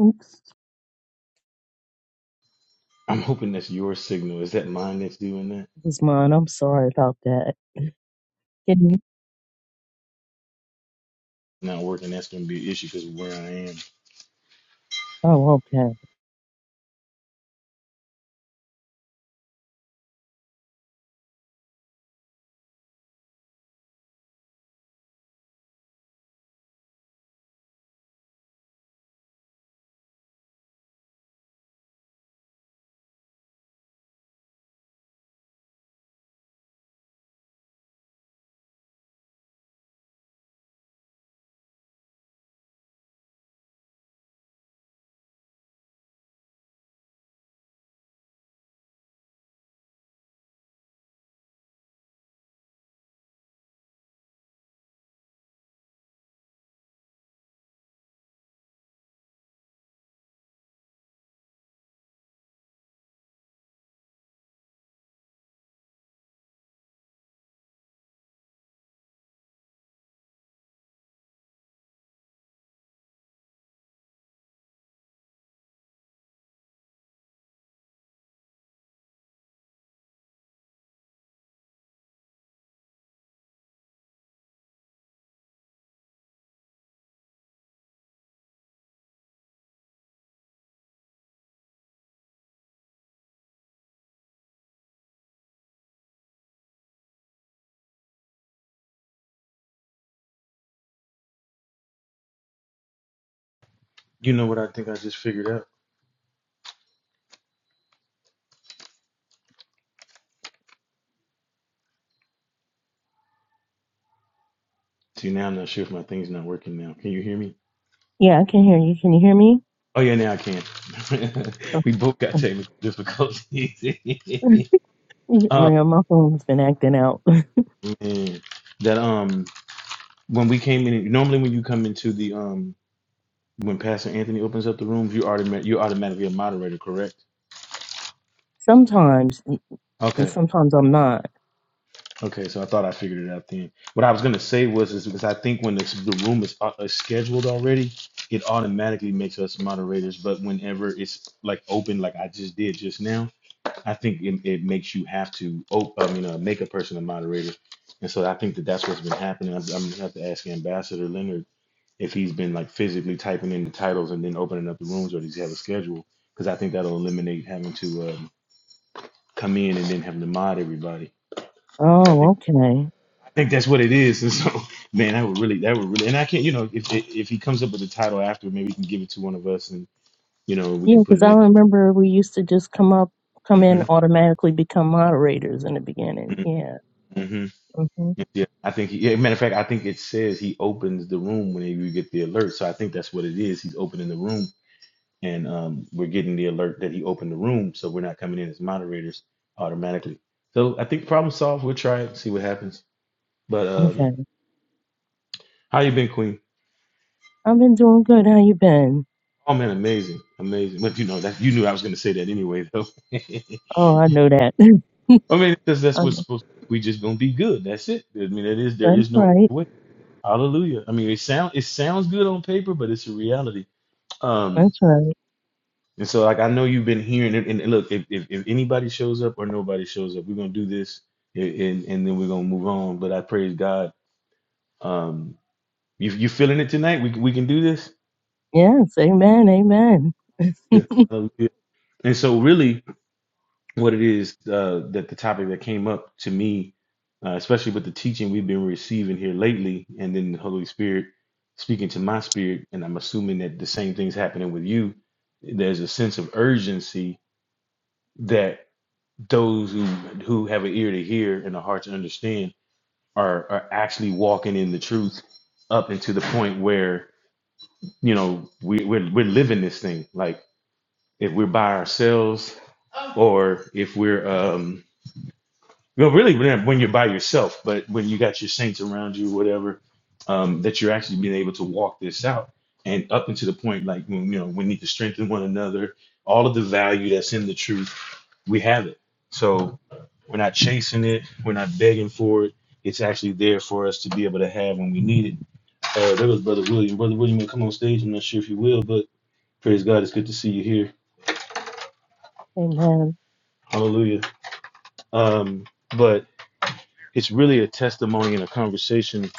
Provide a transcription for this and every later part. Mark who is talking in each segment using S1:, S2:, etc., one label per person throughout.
S1: Oops,
S2: I'm hoping that's your signal. Is that mine that's doing that?
S1: it was mine. I'm sorry about that. Can you?
S2: Not working. That's going to be an issue because of where I am.
S1: Oh, okay.
S2: You know what I think I just figured out? See, now I'm not sure if my thing's not working now. Can you hear me?
S1: Yeah, I can hear you. Can you hear me?
S2: Oh, yeah, now I can.
S1: Oh,
S2: we both got
S1: oh.
S2: technical difficulties. oh,
S1: My, my phone's been acting out.
S2: man. That, um, when we came in, normally when you come into the, um, when Pastor Anthony opens up the room, you automatic, you are automatically a moderator, correct?
S1: Sometimes, and
S2: Okay.
S1: sometimes I'm not.
S2: Okay, so I thought I figured it out then. What I was gonna say was is because I think when this, the room is, au- is scheduled already, it automatically makes us moderators. But whenever it's like open, like I just did just now, I think it, it makes you have to, op- I mean, uh, make a person a moderator. And so I think that that's what's been happening. I'm, I'm gonna have to ask Ambassador Leonard if he's been like physically typing in the titles and then opening up the rooms, or does he have a schedule? Because I think that'll eliminate having to um, come in and then having to mod everybody. 'Cause I think
S1: Oh, okay.
S2: think that's what it is. And so, man, that would really, that would really, and I can't, you know, if if if he comes up with a title after, maybe he can give it to one of us, and you know, we
S1: Yeah,
S2: can put
S1: because I
S2: it
S1: remember we used to just come up, come in,
S2: in.
S1: automatically become moderators in the beginning.
S2: hmm
S1: Yeah.
S2: hmm
S1: hmm
S2: Yeah, I think. He, yeah, matter of fact, I think it says he opens the room when you get the alert. So I think that's what it is. He's opening the room, and um, we're getting the alert that he opened the room, so we're not coming in as moderators automatically. So I think problem solved. We'll try it, see what happens. But um,
S1: Okay.
S2: how you been, Queen?
S1: I've been doing good. How you been?
S2: Oh man, amazing, amazing. But you know that you knew I was going to say that anyway, though.
S1: Oh, I know that. I
S2: I mean, because that's what's
S1: know.
S2: supposed. We just going to be good. That's it. I mean, that is there
S1: That's
S2: is no other
S1: right.
S2: way. Hallelujah. I mean, it sound it sounds good on paper, but it's a reality. Um,
S1: That's right.
S2: and so like I know you've been hearing it. And look, if if, if anybody shows up or nobody shows up, we're going to do this, and and and then we're going to move on. But I praise God. Um, you you feeling it tonight? We can- we can do this.
S1: Yes. Amen. Amen.
S2: Yeah. Hallelujah. And so really. what it is uh, that the topic that came up to me, uh, especially with the teaching we've been receiving here lately, and then the Holy Spirit speaking to my spirit, and I'm assuming that the same thing's happening with you. There's a sense of urgency that those who who have an ear to hear and a heart to understand are are actually walking in the truth up into the point where you know we we're, we're living this thing like if we're by ourselves or if we're um Well, really, when when you're by yourself, but when you got your saints around you, whatever, um, that you're actually being able to walk this out and up into the point, like when you know, we need to strengthen one another. All of the value that's in the truth, we have it. So we're not chasing it. We're not begging for it. It's actually there for us to be able to have when we need it. Uh, that was Brother William. Brother William, will come on stage. I'm not sure if you will, but praise God, it's good to see you here.
S1: Amen.
S2: Hallelujah. Um, but it's really a testimony and a conversation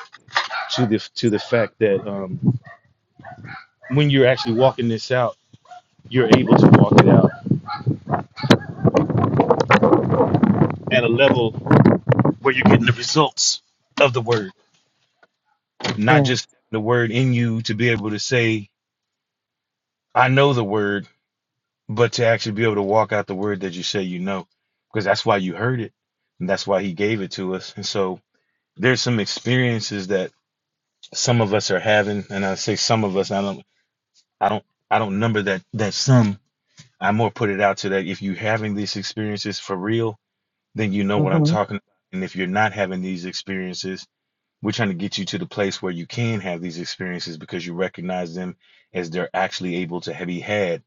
S2: to the to the fact that um, when you're actually walking this out, you're able to walk it out at a level where you're getting the results of the word, not
S1: Yeah.
S2: just the word in you to be able to say, "I know the word," but to actually be able to walk out the word that you say you know, because that's why you heard it, and that's why He gave it to us. And so there's some experiences that some of us are having, and I say some of us. I don't, I don't, I don't number that that some. I more put it out to that if you're having these experiences for real then you know what I'm
S1: hmm
S2: talking about. And if you're not having these experiences, we're trying to get you to the place where you can have these experiences because you recognize them as they're actually able to be had.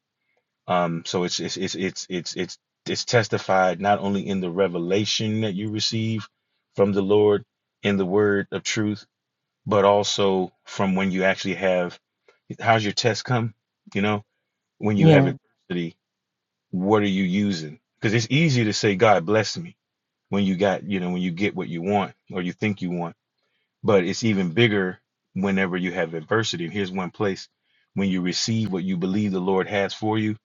S2: Um, so it's it's it's it's it's it's it's testified not only in the revelation that you receive from the Lord in the word of truth, but also from when you actually have how's your test come? You know, when you have
S1: Yeah.
S2: adversity, what are you using? Because it's easy to say, God bless me when you got you know when you get what you want or you think you want but it's even bigger whenever you have adversity. And here's one place when you receive what you believe the Lord has for you,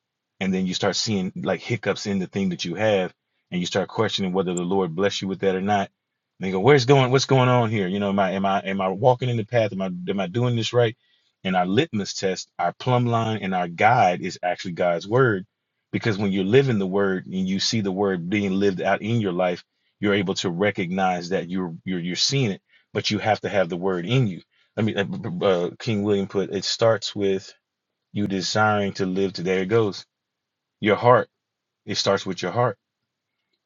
S2: and then you start seeing like hiccups in the thing that you have, and you start questioning whether the Lord bless you with that or not. And you go, where's going? What's going on here? You know, am I am I am I walking in the path? Am I am I doing this right? And our litmus test, our plumb line, and our guide is actually God's word. Because when you're living the word and you see the word being lived out in your life, you're able to recognize that you're you're you're seeing it but you have to have the word in you. I mean, uh, uh, King William put it starts with you desiring to live. today. there it goes. Your heart. It starts with your heart.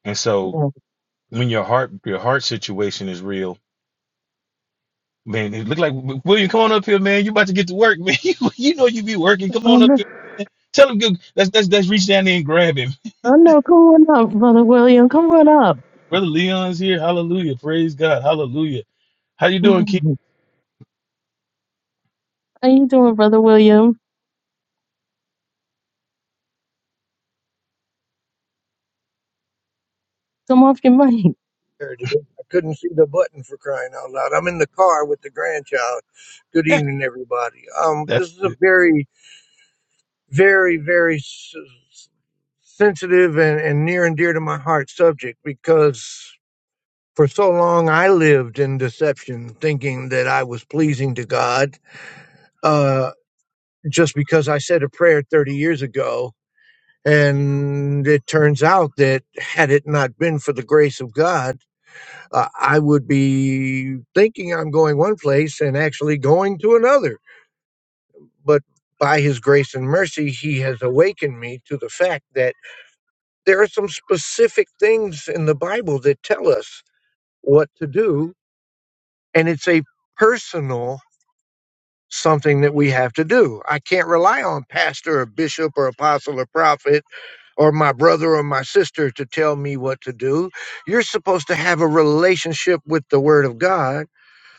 S2: And so
S1: yeah.
S2: when your heart, your heart situation is real, man. It look like William, come on up here, man. You about to get to work, man. You, you know you be working. Come
S1: Oh,
S2: on up
S1: no,
S2: here. Tell him, go- let's let's let's reach down there and grab him.
S1: oh, no, come on up, Brother William. Come on up.
S2: Brother Leon's here. Hallelujah. Praise God. Hallelujah. How you doing, King?
S1: Mhm. How you doing, Brother William? Come off your mic.
S3: There it is. I couldn't see the button for crying out loud. I'm in the car with the grandchild. Good
S2: Yeah,
S3: evening, everybody. Um,
S2: that's.
S3: this is a very, very, very s- s- sensitive and, and near and dear to my heart subject because for so long I lived in deception, thinking that I was pleasing to God uh, just because I said a prayer 30 years ago. And it turns out that had it not been for the grace of God, uh, I would be thinking I'm going one place and actually going to another. But by His grace and mercy, He has awakened me to the fact that there are some specific things in the Bible that tell us what to do, and it's a personal something that we have to do. I can't rely on pastor or bishop or apostle or prophet or my brother or my sister to tell me what to do. You're supposed to have a relationship with the word of God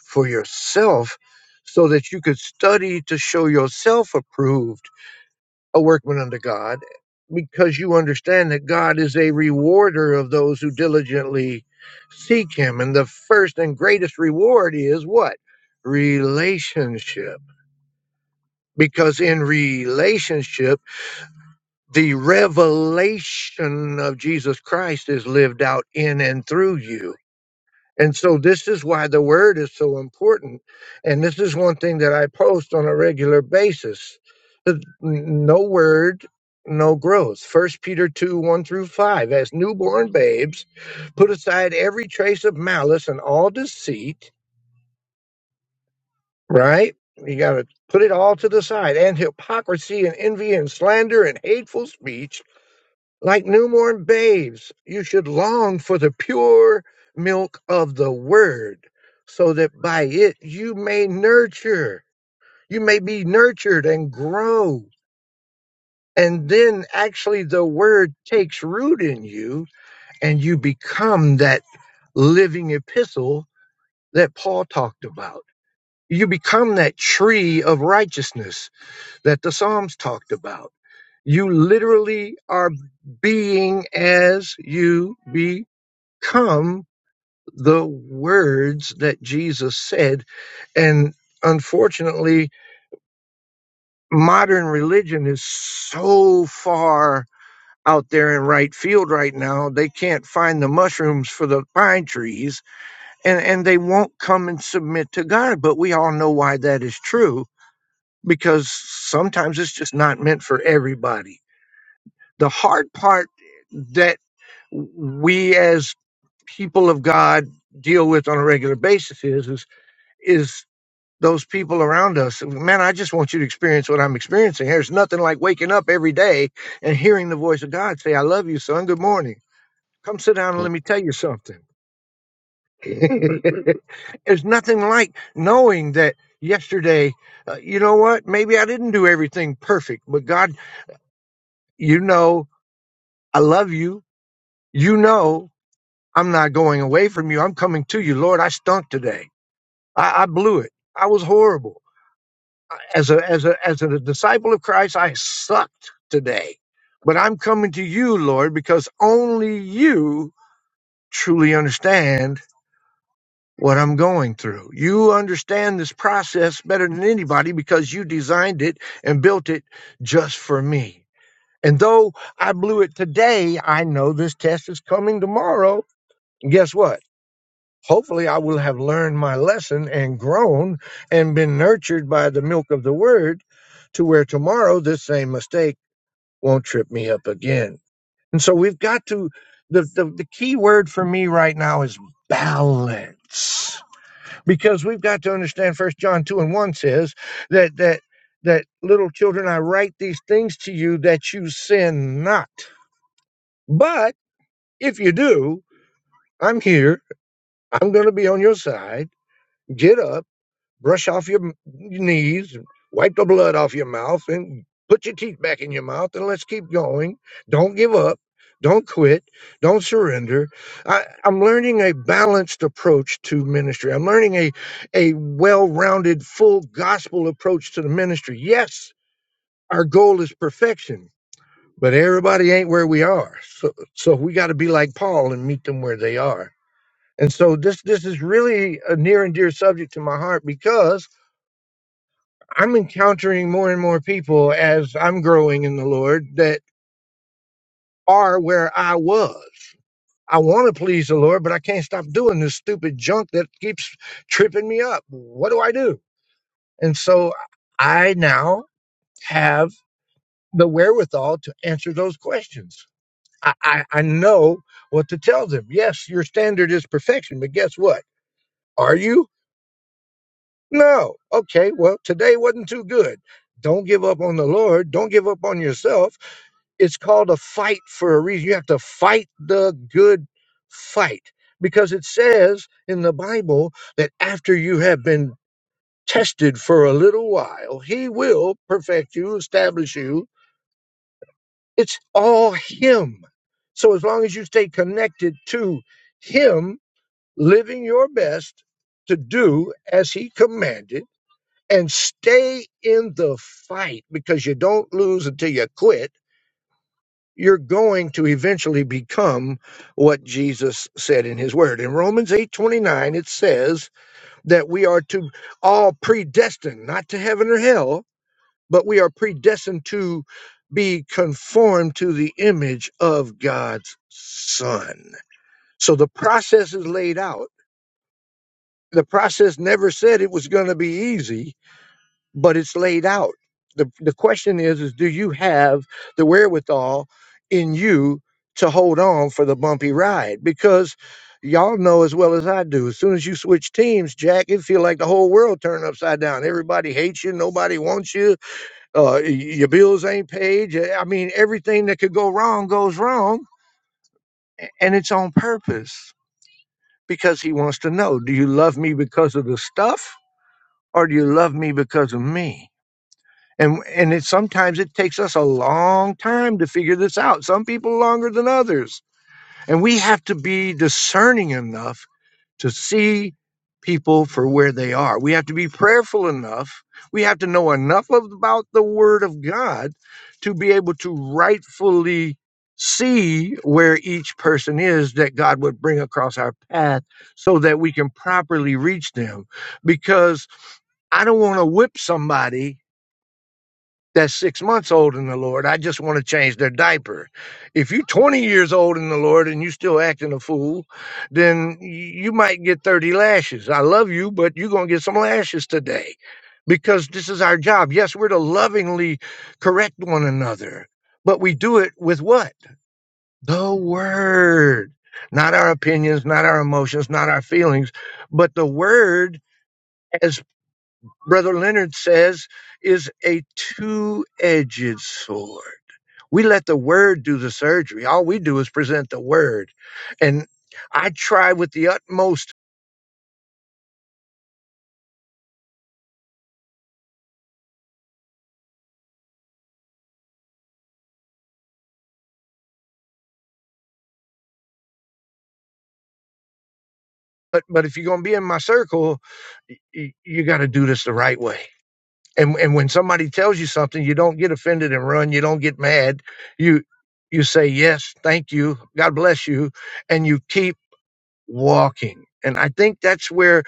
S3: for yourself so that you could study to show yourself approved, a workman unto God, because you understand that God is a rewarder of those who diligently seek Him. And the first and greatest reward is what? Relationship. Because in relationship, the revelation of Jesus Christ is lived out in and through you And so this is why the word is so important. And this is one thing that I post on a regular basis. The- No word, no growth. First Peter 2, 1 through 5. As newborn babes, put aside every trace of malice and all deceit, right? You gotta put it all to the side, and hypocrisy and envy and slander and hateful speech like newborn babes, you should long for the pure milk of the word, so that by it you may nurture, you may be nurtured and grow. And then actually the word takes root in you and you become that living epistle that Paul talked about. You become that tree of righteousness that the Psalms talked about. You literally are being as you be. come the words that Jesus said. And unfortunately, modern religion is so far out there in right field right now, they can't find the mushrooms for the pine trees and, and they won't come and submit to God. But we all know why that is true because sometimes it's just not meant for everybody. The hard part that we as people of God deal with on a regular basis is, is is those people around us. Man, I just want you to experience what I'm experiencing. There's nothing like waking up every day and hearing the voice of God say, I love you, son. Good morning. Come sit down and let me tell you something. There's nothing like knowing that yesterday, uh, you know what? Maybe I didn't do everything perfect, but God, you know, I love you. You know, I'm not going away from you. I'm coming to you. Lord, I stunk today. I, I blew it. I was horrible. as a as a as a disciple of Christ, I sucked today. But I'm coming to you, Lord, because only you truly understand what I'm going through. You understand this process better than anybody because you designed it and built it just for me. And though I blew it today, I know this test is coming tomorrow. And guess what? hopefully I will have learned my lesson and grown and been nurtured by the milk of the word to where tomorrow this same mistake won't trip me up again. And so we've got to the the, the key word for me right now is balance. Because we've got to understand first John 2 and 1 says that that that little children I write these things to you that you sin not. But if you do, I'm here. I'm going to be on your side. Get up brush off your knees, wipe the blood off your mouth, and put your teeth back in your mouth, and let's keep going. Don't give up. Don't quit. Don't surrender. I, I'm learning a balanced approach to ministry. I'm learning a, a well rounded, full gospel approach to the ministry. Yes, our goal is perfection, but everybody ain't where we are. So, so we got to be like Paul and meet them where they are. And so this this is really a near and dear subject to my heart because I'm encountering more and more people as I'm growing in the Lord that are where I was. I want to please the Lord, but I can't stop doing this stupid junk that keeps tripping me up. What do I do? And so I now have the wherewithal to answer those questions. I, I, I know what to tell them. Yes, your standard is perfection, but guess what? Are you? No. Okay, well, today wasn't too good. Don't give up on the Lord. Don't give up on yourself It's called a fight for a reason. You have to fight the good fight because it says in the Bible that after you have been tested for a little while, He will perfect you, establish you. It's all Him. So as long as you stay connected to Him, living your best to do as He commanded, and stay in the fight because you don't lose until you quit you're going to eventually become what Jesus said in his word. In Romans 8:29 it says that we are to all predestined not to heaven or hell, but we are predestined to be conformed to the image of God's son. So the process is laid out. The process never said it was going to be easy but it's laid out. The, the question is, is do you have the wherewithal in you to hold on for the bumpy ride? Because y'all know as well as I do, as soon as you switch teams, Jack, it feel like the whole world turned upside down. Everybody hates you. Nobody wants you. Uh, y- your bills ain't paid. y- I mean, everything that could go wrong goes wrong a- and it's on purpose because he wants to know, do you love me because of the stuff or do you love me because of me? And and it sometimes it takes us a long time to figure this out. Some people longer than others. And we have to be discerning enough to see people for where they are. We have to be prayerful enough. We have to know enough of, about the word of God to be able to rightfully see where each person is that God would bring across our path so that we can properly reach them because I don't want to whip somebody that's six months old in the Lord. I just want to change their diaper. If you're 20 years old in the Lord and you are still acting a fool, then y- you might get 30 lashes. I love you, but you're going to get some lashes today because this is our job. Yes, we're to lovingly correct one another, but we do it with what? The word. Not our opinions, not our emotions, not our feelings, but the word, as Brother Leonard says, is a two edged sword we let the word do the surgery. All we do is present the word. And I try with the utmost, but but if you're going to be in my circle, y- you got to do this the right way. And and when somebody tells you something, you don't get offended and run. You don't get mad. You you say yes, thank you, God bless you, and you keep walking. And I think that's where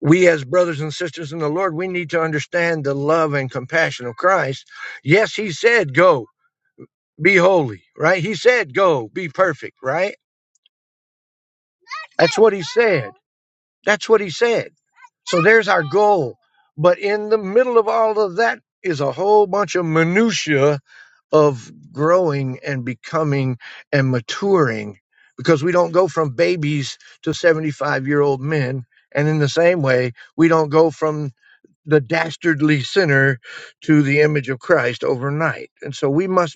S3: we as brothers and sisters in the Lord, we need to understand the love and compassion of Christ. Yes, he said go be holy, right? He said, go be perfect, right? That's what he said. That's what he said. So there's our goal. But in the middle of all of that is a whole bunch of minutia of growing and becoming and maturing because we don't go from babies to 75 year old men. And in the same way, we don't go from the dastardly sinner to the image of Christ overnight. And so we must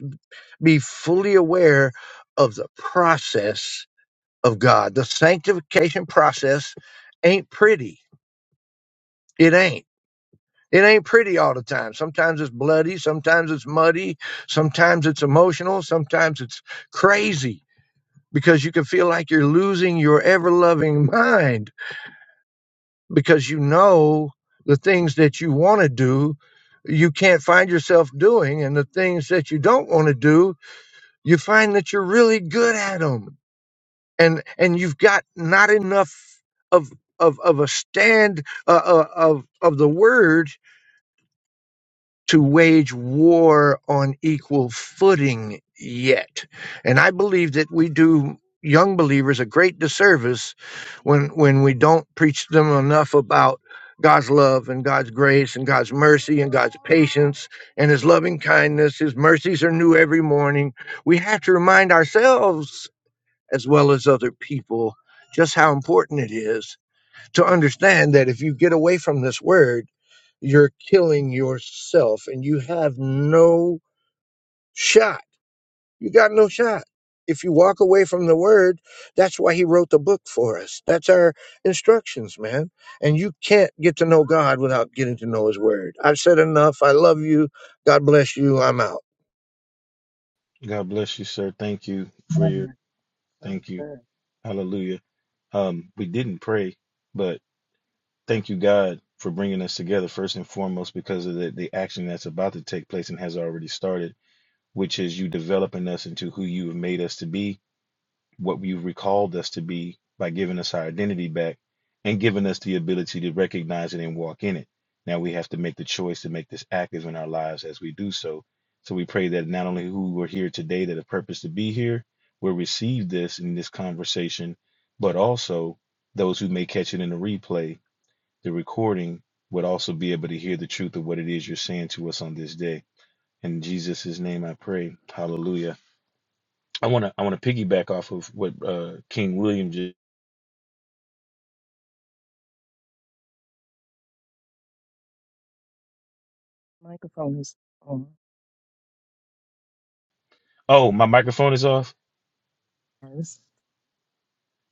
S3: be fully aware of the process of God. The sanctification process ain't pretty. It ain't. It ain't pretty all the time. Sometimes it's bloody, sometimes it's muddy, sometimes it's emotional, sometimes it's crazy because you can feel like you're losing your ever loving mind because you know the things that you want to do, you can't find yourself doing, and the things that you don't want to do, you find that you're really good at them. and and you've got not enough of of of a stand uh, uh, of of the word to wage war on equal footing yet and i believe that we do young believers a great disservice when when we don't preach them enough about God's love and God's grace and God's mercy and God's patience and his loving kindness his mercies are new every morning we have to remind ourselves as well as other people just how important it is to understand that if you get away from this word, you're killing yourself and you have no shot. You got no shot. If you walk away from the word, that's why he wrote the book for us. That's our instructions, man. And you can't get to know God without getting to know his word. I've said enough. I love you. God bless you. I'm out.
S2: God bless you, sir. Thank you for
S1: Oh,
S2: your.
S1: my God,
S2: Thank you.
S1: good.
S2: Hallelujah. Um, we didn't pray, but thank you, God, for bringing us together first and foremost because of the, the action that's about to take place and has already started, which is you developing us into who you have made us to be what you've recalled us to be by giving us our identity back and giving us the ability to recognize it and walk in it. Now we have to make the choice to make this active in our lives as we do so. So we pray that not only who we're here today that a purpose to be here will receive this in this conversation, but also those who may catch it in the replay, the recording would also be able to hear the truth of what it is you're saying to us on this day. In Jesus' name I pray. Hallelujah. I want to I want to piggyback off of what uh, King William just.
S1: Microphone is on.
S2: Oh, my microphone is off.
S1: It's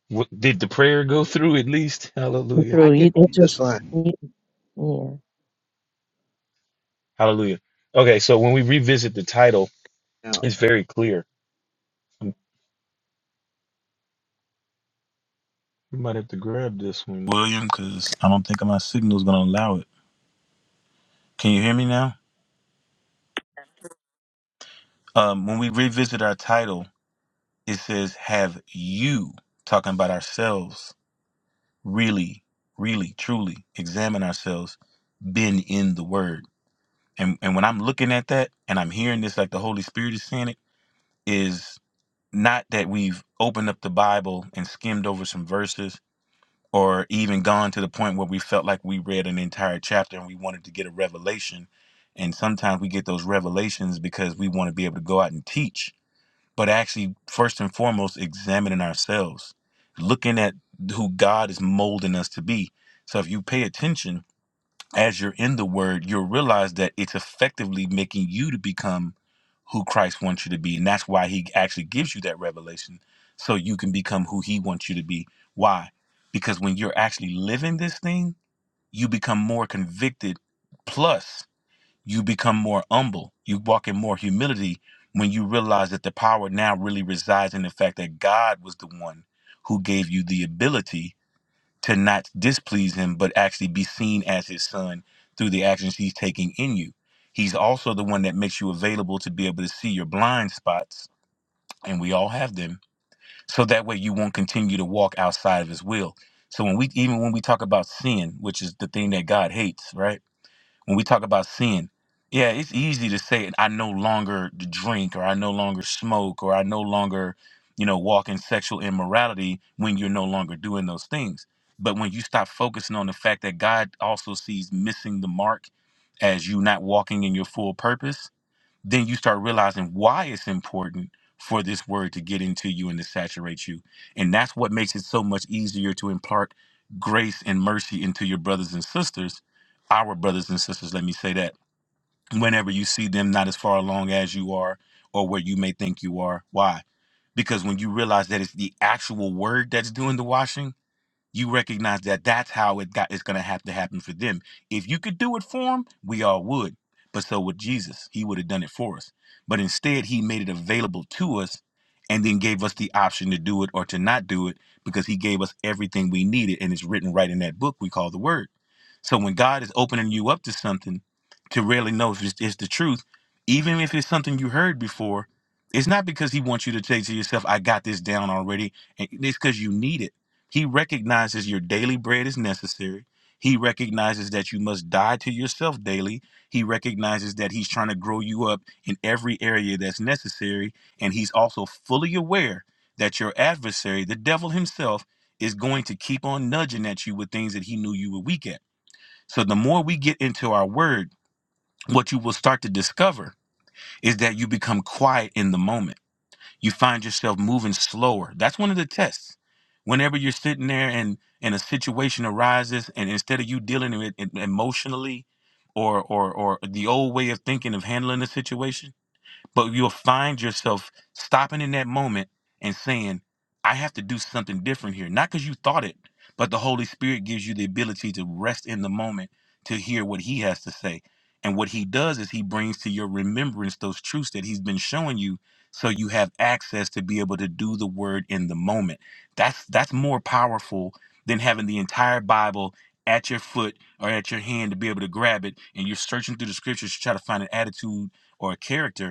S2: What, did the prayer go through at least? Hallelujah.
S3: I
S1: Through you,
S3: could
S1: it
S3: do just
S1: just
S3: fine.
S1: you- yeah.
S2: Hallelujah. Okay, so when we revisit the title, it's very clear. I might have to grab this one. William, because I don't think my signal's going to allow it. Can you hear me now? Um, when we revisit our title, it says, Have you, talking about ourselves, really, really, truly examine ourselves, been in the Word? and and when I'm looking at that and I'm hearing this like the Holy Spirit is saying it is not that we've opened up the Bible and skimmed over some verses or even gone to the point where we felt like we read an entire chapter and we wanted to get a revelation and sometimes we get those revelations because we want to be able to go out and teach but actually first and foremost examining ourselves looking at who God is molding us to be so if you pay attention as you're in the word, you'll realize that it's effectively making you to become who Christ wants you to be. And that's why he actually gives you that revelation so you can become who he wants you to be. Why? Because actually learning, you become more convicted, plus you become more humble. You walk in more humility when you realize that the power now really resides in the fact that God was the one who gave you the ability to not displease him, but actually be seen as his son through the actions he's taking in you. He's also the one that makes you available to be able to see your blind spots, and we all have them, so that way you won't continue to walk outside of his will. So when we even when we talk about sin, which is the thing that God hates, right? when we talk about sin, yeah, it's easy to say I no longer drink or I no longer smoke or I no longer, you know, walk in sexual immorality when you're no longer doing those things. But when you stop focusing on the fact that God also sees missing the mark as you not walking in your full purpose, then you start realizing why it's important for this word to get into you and to saturate you. And that's what makes it so much easier to impart grace and mercy into your brothers and sisters, our brothers and sisters, let me say that, whenever you see them not as far along as you are or where you may think you are. Why? Because when you realize that it's the actual word that's doing the washing, you recognize that that's how it got it's going to have to happen for them if you could do it for them we all would but so with jesus he would have done it for us but instead he made it available to us and then gave us the option to do it or to not do it because he gave us everything we needed and it's written right in that book we call the word so when god is opening you up to something to really know if it's, it's the truth, even if it's something you heard before, it's not because he wants you to say to yourself, I got this down already. And it's because you need it. He recognizes your daily bread is necessary. He recognizes that you must die to yourself daily. He recognizes that he's trying to grow you up in every area that's necessary. And he's also fully aware that your adversary, the devil himself, is going to keep on nudging at you with things that he knew you were weak at. So the more we get into our word, what you will start to discover is that you become quiet in the moment. You find yourself moving slower. That's one of the tests. Whenever you're sitting there and and a situation arises, and instead of you dealing with it emotionally, or or or the old way of thinking of handling the situation but you'll find yourself stopping in that moment and saying, I have to do something different here. Not because you thought it, but the Holy Spirit gives you the ability to rest in the moment to hear what He has to say. And what He does is He brings to your remembrance those truths that He's been showing you so you have access to be able to do the word in the moment. That's that's more powerful than having the entire Bible at your foot or at your hand to be able to grab it and you're searching through the scriptures to try to find an attitude or a character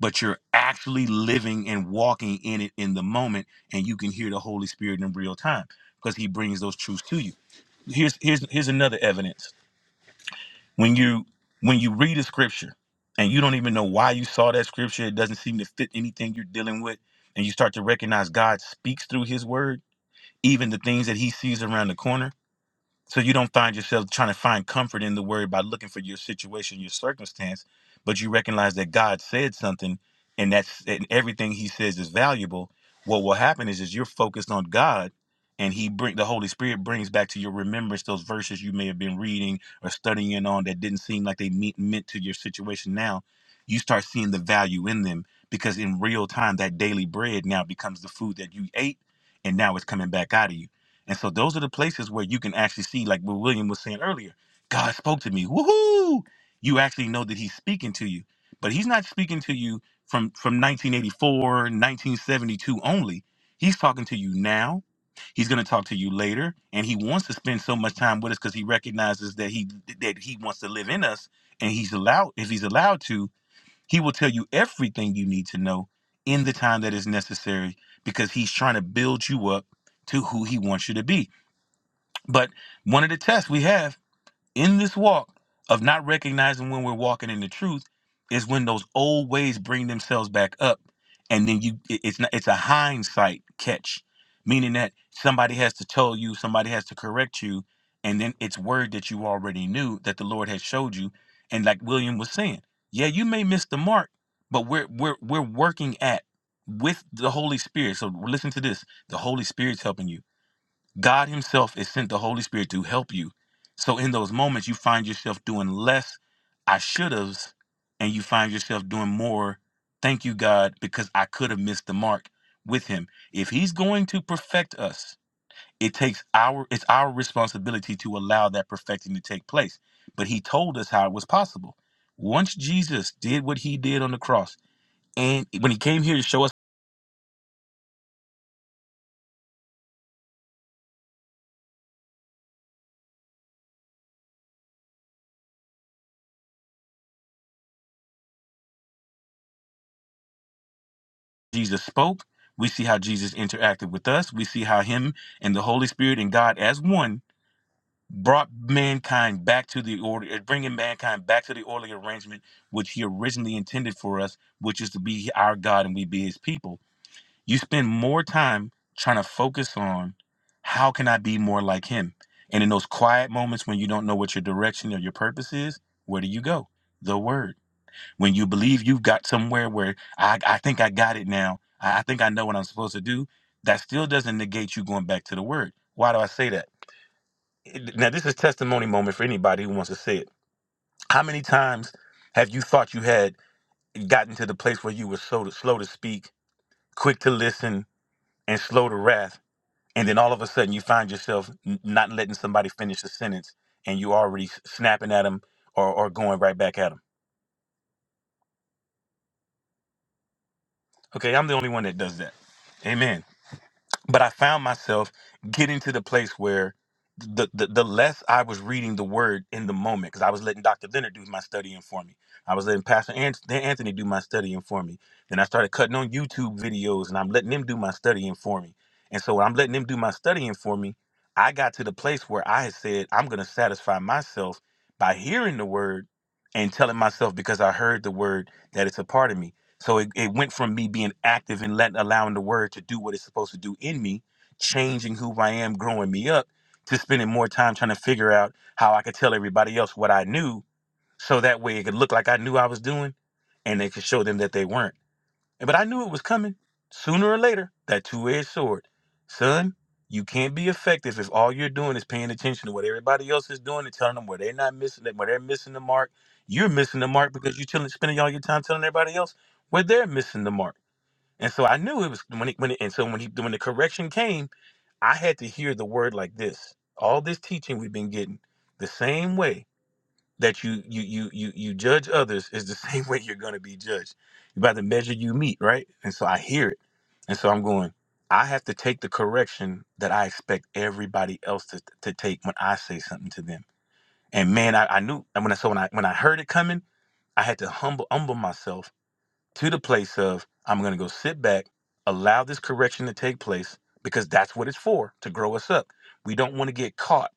S2: but you're actually living and walking in it in the moment and you can hear the holy spirit in real time because he brings those truths to you here's here's here's another evidence when you when you read a scripture and you don't even know why you saw that scripture it doesn't seem to fit anything you're dealing with and you start to recognize god speaks through his word even the things that he sees around the corner so you don't find yourself trying to find comfort in the word by looking for your situation, your circumstance, but you recognize that God said something and that's and everything he says is valuable. What will happen is is you're focused on God and he bring the Holy Spirit brings back to your remembrance those verses you may have been reading or studying in on that didn't seem like they meet, meant to your situation now. You start seeing the value in them because in real time that daily bread now becomes the food that you ate and now it's coming back out of you and so those are the places where you can actually see, like what William was saying earlier, God spoke to me. Woohoo! You actually know that he's speaking to you. But he's not speaking to you from, from 1984, 1972 only. He's talking to you now. He's going to talk to you later. And he wants to spend so much time with us because he recognizes that he that he wants to live in us. And he's allowed, if he's allowed to, he will tell you everything you need to know in the time that is necessary because he's trying to build you up to who he wants you to be. But one of the tests we have in this walk of not recognizing when we're walking in the truth is when those old ways bring themselves back up, and then you it- it's not it's a hindsight catch, meaning that somebody has to tell you, somebody has to correct you, and then it's word that you already knew that the Lord has showed you, and like William was saying, yeah, you may miss the mark, but we're we're we're working at with the Holy Spirit. So listen to this: the Holy Spirit's helping you God Himself is sent the Holy Spirit to help you. So in those moments, you find yourself doing less I should have, and you find yourself doing more. Thank you, God, because I could have missed the mark with Him. If He's going to perfect us, it takes our it's our responsibility to allow that perfecting to take place. But He told us how it was possible. Once Jesus did what He did on the cross, and when He came here to show us. Jesus spoke. We see how Jesus interacted with us. We see how him and the Holy Spirit and God as one brought mankind back to the order, uh, bringing mankind back to the orderly arrangement which he originally intended for us, which is to be our God and we be his people. You spend more time trying to focus on how can I be more like him? And in those quiet moments when you don't know what your direction or your purpose is, where do you go? The word. When you believe you've got somewhere where I, I think I got it now, I, I think I know what I'm supposed to do, that still doesn't negate you going back to the word. Why do I say that? It- Now, this is testimony moment for anybody who wants to say it. How many times have you thought you had gotten to the place where you were so to, slow to speak, quick to listen, and slow to wrath? And then all of a sudden you find yourself n- not letting somebody finish a sentence and you already s- snapping at them or, or going right back at them. Okay, I'm the only one that does that. Amen. but I found myself getting to the place where the the, the less I was reading the word in the moment, because I was letting Dr. Leonard do my studying for me. I was letting Pastor Ant- Anthony do my studying for me. Then I started cutting on YouTube videos and I'm letting them do my studying for me. And so when I'm letting them do my studying for me, I got to the place where I had said, I'm gonna satisfy myself by hearing the word and telling myself because I heard the word that it's a part of me. So it, it went from me being active and letting allowing the word to do what it's supposed to do in me, changing who I am, growing me up, to spending more time trying to figure out how I could tell everybody else what I knew so that way it could look like I knew I was doing and they could show them that they weren't. But I knew it was coming sooner or later. That two-edged sword, son. You can't be effective if all you're doing is paying attention to what everybody else is doing and telling them where they're not missing it, where they're missing the mark. You're missing the mark because you're chilling, spending all your time telling everybody else where they're missing the mark. And so I knew it was when it, when it, and so when he when the correction came, I had to hear the word like this. All this teaching we've been getting the same way that you you you you you judge others is the same way you're going to be judged you by the measure you meet right and so i hear it and so i'm going i have to take the correction that i expect everybody else to, to take when i say something to them and man i, I knew and when i so when i when i heard it coming i had to humble humble myself to the place of i'm going to go sit back allow this correction to take place because that's what it's for to grow us up we don't want to get caught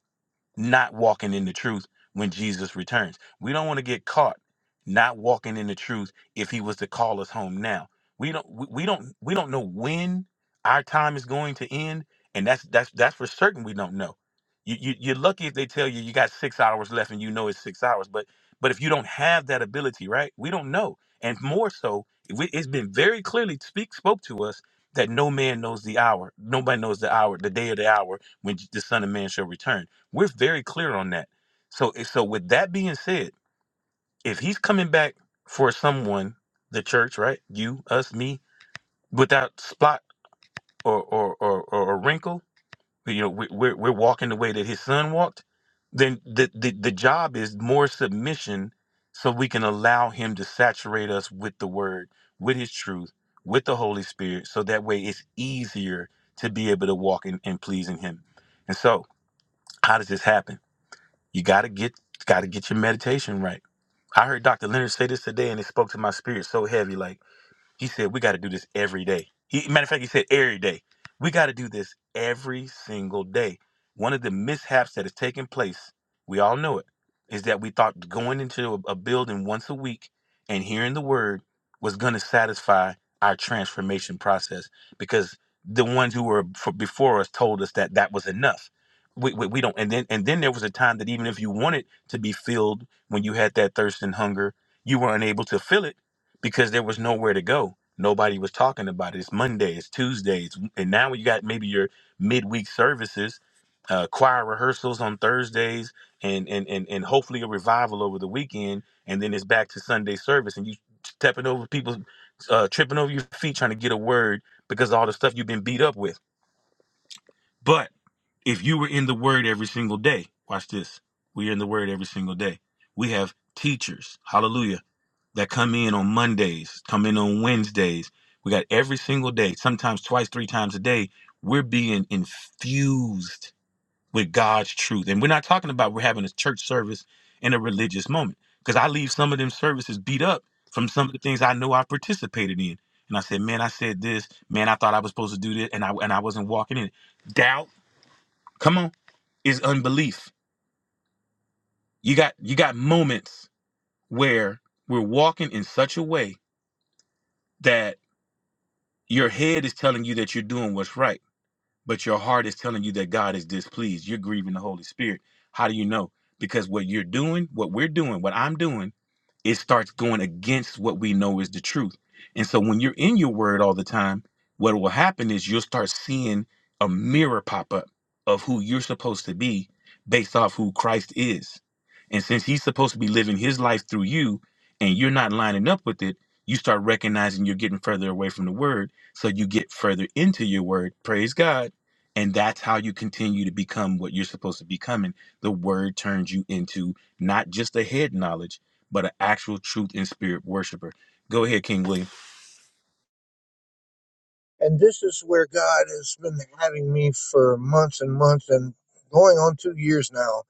S2: not walking in the truth when Jesus returns. We don't want to get caught not walking in the truth if he was to call us home now. We don't we we don't we don't know when our time is going to end and that's that's that's for certain we don't know. You, you you're lucky if they tell you you got 6 hours left and you know it's 6 hours but but if you don't have that ability, right? We don't know. And more so, we- it's been very clearly speak spoke to us that no man knows the hour. Nobody knows the hour, the day of the hour when the son of man shall return we're very clear on that. So, eh, so with that being said, if he's coming back for someone, the church, right? You, us, me, without spot or or or, or a wrinkle, you know, we, we're we're walking the way that his son walked. Then the, the the job is more submission, so we can allow him to saturate us with the word, with his truth, with the Holy Spirit, so that way it's easier to be able to walk in and pleasing him. And so, how does this happen? You gotta get gotta get your meditation right. I heard Dr. Leonard say this today and it spoke to my spirit so heavy. Like he said, We got to do this every day. He, matter of fact, he said, Every day. We got to do this every single day. One of the mishaps that is taking place, we all know it, is that we thought going into a, a building once a week and hearing the word was going to satisfy our transformation process because the ones who were f- before us told us that that was enough. We, we, we don't and then and then there was a time that even if you wanted to be filled when you had that thirst and hunger you were unable to fill it because there was nowhere to go. Nobody was talking about it. It's Mondays, Tuesdays, and now you got maybe your midweek services, uh, choir rehearsals on Thursdays, and and and and hopefully a revival over the weekend, and then it's back to Sunday service, and you stepping over people, uh, tripping over your feet trying to get a word because of all the stuff you've been beat up with. but if you were in the word every single day, watch this. We are in the word every single day. We have teachers, hallelujah, that come in on Mondays, come in on Wednesdays. We got every single day, sometimes twice, three times a day, we're being infused with God's truth. And we're not talking about we're having a church service and a religious moment. Because I leave some of them services beat up from some of the things I know I participated in. And I said, man, I said this. Man, I thought I was supposed to do this, and I and I wasn't walking in. it." Doubt. Come on is unbelief. You got you got moments where we're walking in such a way that your head is telling you that you're doing what's right, but your heart is telling you that God is displeased. You're grieving the Holy Spirit. How do you know? Because what you're doing, what we're doing, what I'm doing it starts going against what we know is the truth. And so when you're in your word all the time, what will happen is you'll start seeing a mirror pop up of who you're supposed to be based off who Christ is. And since he's supposed to be living his life through you and you're not lining up with it, you start recognizing you're getting further away from the word. So you get further into your word. Praise God. And that's how you continue to become what you're supposed to become. And the word turns you into not just a head knowledge but an actual truth and spirit worshiper. Go ahead, King William.
S3: And this is where God has been having me for months and months and going on two years now,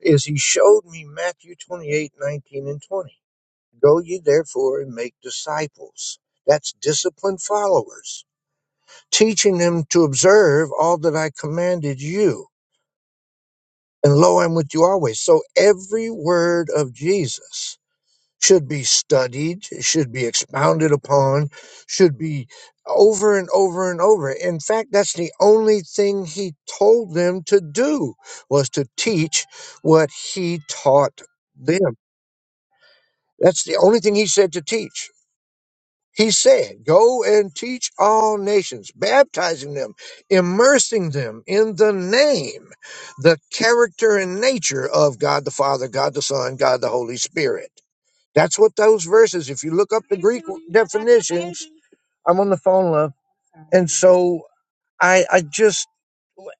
S3: is he showed me Matthew 28 19 and 20. Go ye therefore and make disciples. That's disciplined followers, teaching them to observe all that I commanded you. And lo, I'm with you always. So every word of Jesus should be studied, should be expounded upon, should be over and over and over. In fact, that's the only thing he told them to do was to teach what he taught them. That's the only thing he said to teach. He said, Go and teach all nations, baptizing them, immersing them in the name, the character and nature of God the Father, God the Son, God the Holy Spirit. That's what those verses, if you look up the Greek definitions, I'm on the phone, love. And so I, I just,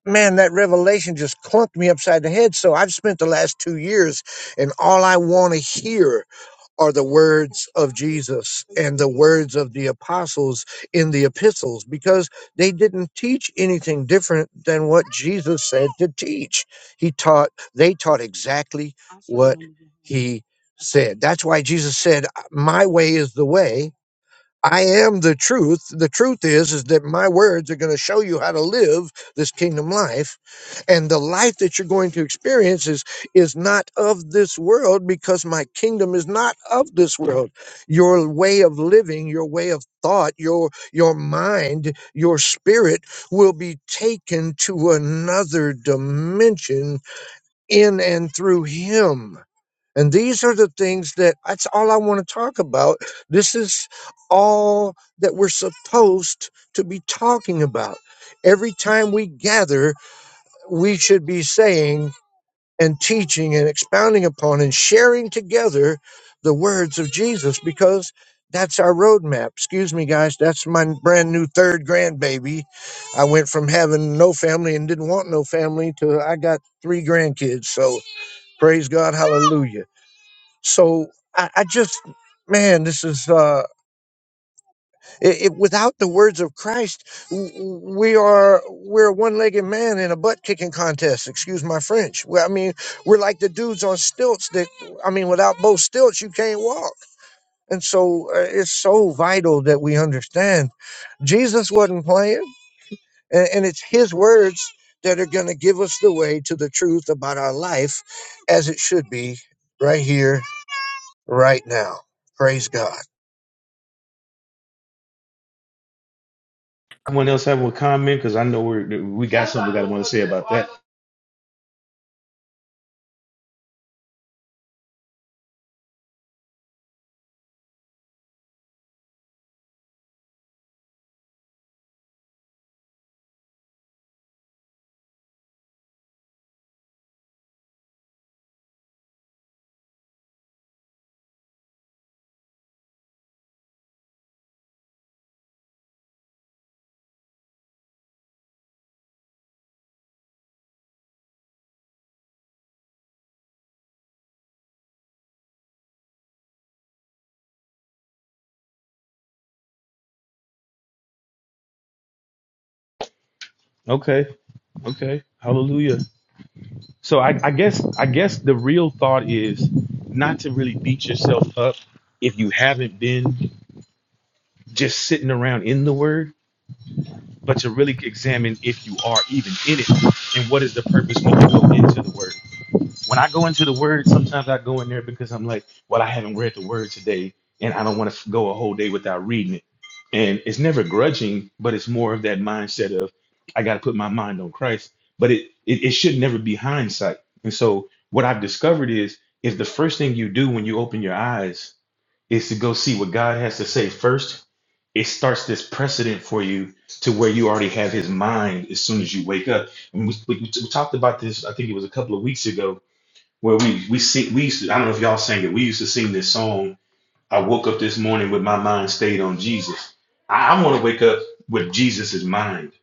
S3: man, that revelation just clunked me upside the head. So I've spent the last two years, and all I want to hear are the words of Jesus and the words of the apostles in the epistles because they didn't teach anything different than what Jesus said to teach. He taught, they taught exactly what he said. That's why Jesus said, My way is the way. I am the truth. The truth is, is that my words are going to show you how to live this kingdom life and the life that you're going to experience is is not of this world because my kingdom is not of this world your way of living your way of thought your your mind your spirit will be taken to another dimension in and through him and these are the things that that's all I want to talk about. This is all that we're supposed to be talking about. Every time we gather, we should be saying and teaching and expounding upon and sharing together the words of Jesus because that's our roadmap. Excuse me, guys. That's my brand new third grandbaby. I went from having no family and didn't want no family to I got three grandkids. So praise God, hallelujah. So I, I just, man, this is. uh, I- if without the words of Christ, w- w- we are we're a one-legged man in a butt-kicking contest. Excuse my French. Well, I mean, we're like the dudes on stilts that I mean, without both stilts, you can't walk. And so uh, it's so vital that we understand Jesus wasn't playing, and, and it's His words that are going to give us the way to the truth about our life, as it should be, right here, right now. Praise God.
S2: Someone else have a comment because I know we're, we got something we got to want to say about that. Okay, okay, hallelujah. So I, I guess I guess the real thought is not to really beat yourself up if you haven't been just sitting around in the Word, but to really examine if you are even in it and what is the purpose when you go into the Word. when I go into the word, sometimes I go in there because I'm like, well, I haven't read the word today, and I don't want to go a whole day without reading it. And it's never grudging, but it's more of that mindset of I got to put my mind on Christ. But it, it it should never be hindsight. And so what I've discovered is is the first thing you do when you open your eyes is to go see what God has to say first. It starts this precedent for you to where you already have His mind as soon as you wake up. And we, we, we talked about this, I think it was a couple of weeks ago, where we we sing we used to, I don't know if y'all sing it. We used to sing this song. I woke up this morning with my mind stayed on Jesus. I, I want to wake up with Jesus's mind It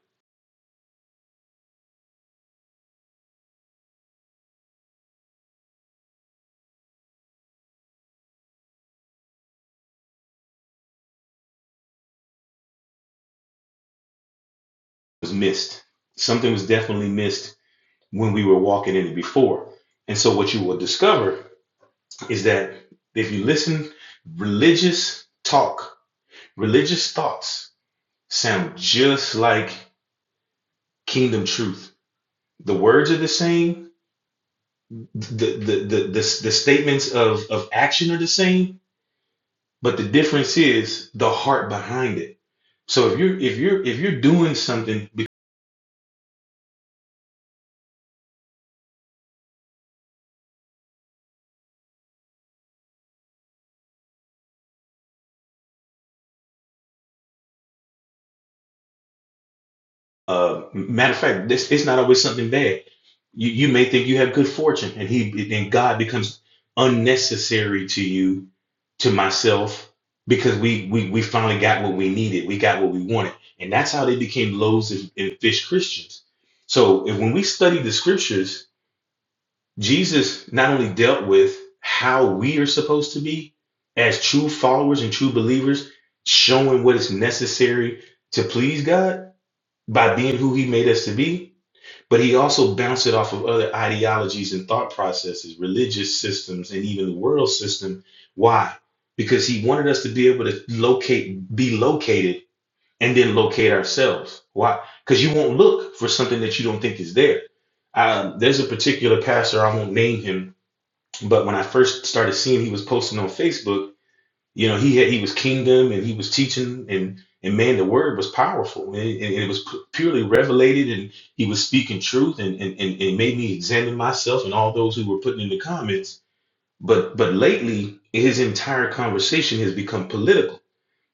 S2: was missed. Something was definitely missed when we were walking in it before. And so what you will discover is that if you listen, religious talk, religious thoughts sound just like kingdom truth. The words are the same. The the the the, the statements of of action are the same But the difference is the heart behind it. So if you're if you're if you're doing something, uh, matter of fact, this it's not always something bad. You you may think you have good fortune, and he then God becomes unnecessary to you, to myself, because we we we finally got what we needed, we got what we wanted, and that's how they became loaves and, and fish Christians. So if, when we study the scriptures Jesus not only dealt with how we are supposed to be as true followers and true believers, showing what is necessary to please God by being who He made us to be, but He also bounced it off of other ideologies and thought processes, religious systems, and even the world system. Why? Because He wanted us to be able to locate, be located, and then locate ourselves. Why? Because you won't look for something that you don't think is there. Um, there's a particular pastor, I won't name him, but when I first started seeing he was posting on Facebook, you know, he had, he was kingdom and he was teaching and and man, the word was powerful and, it, and it was pu- purely revelated and he was speaking truth and and and it made me examine myself and all those who were putting in the comments. But but lately, his entire conversation has become political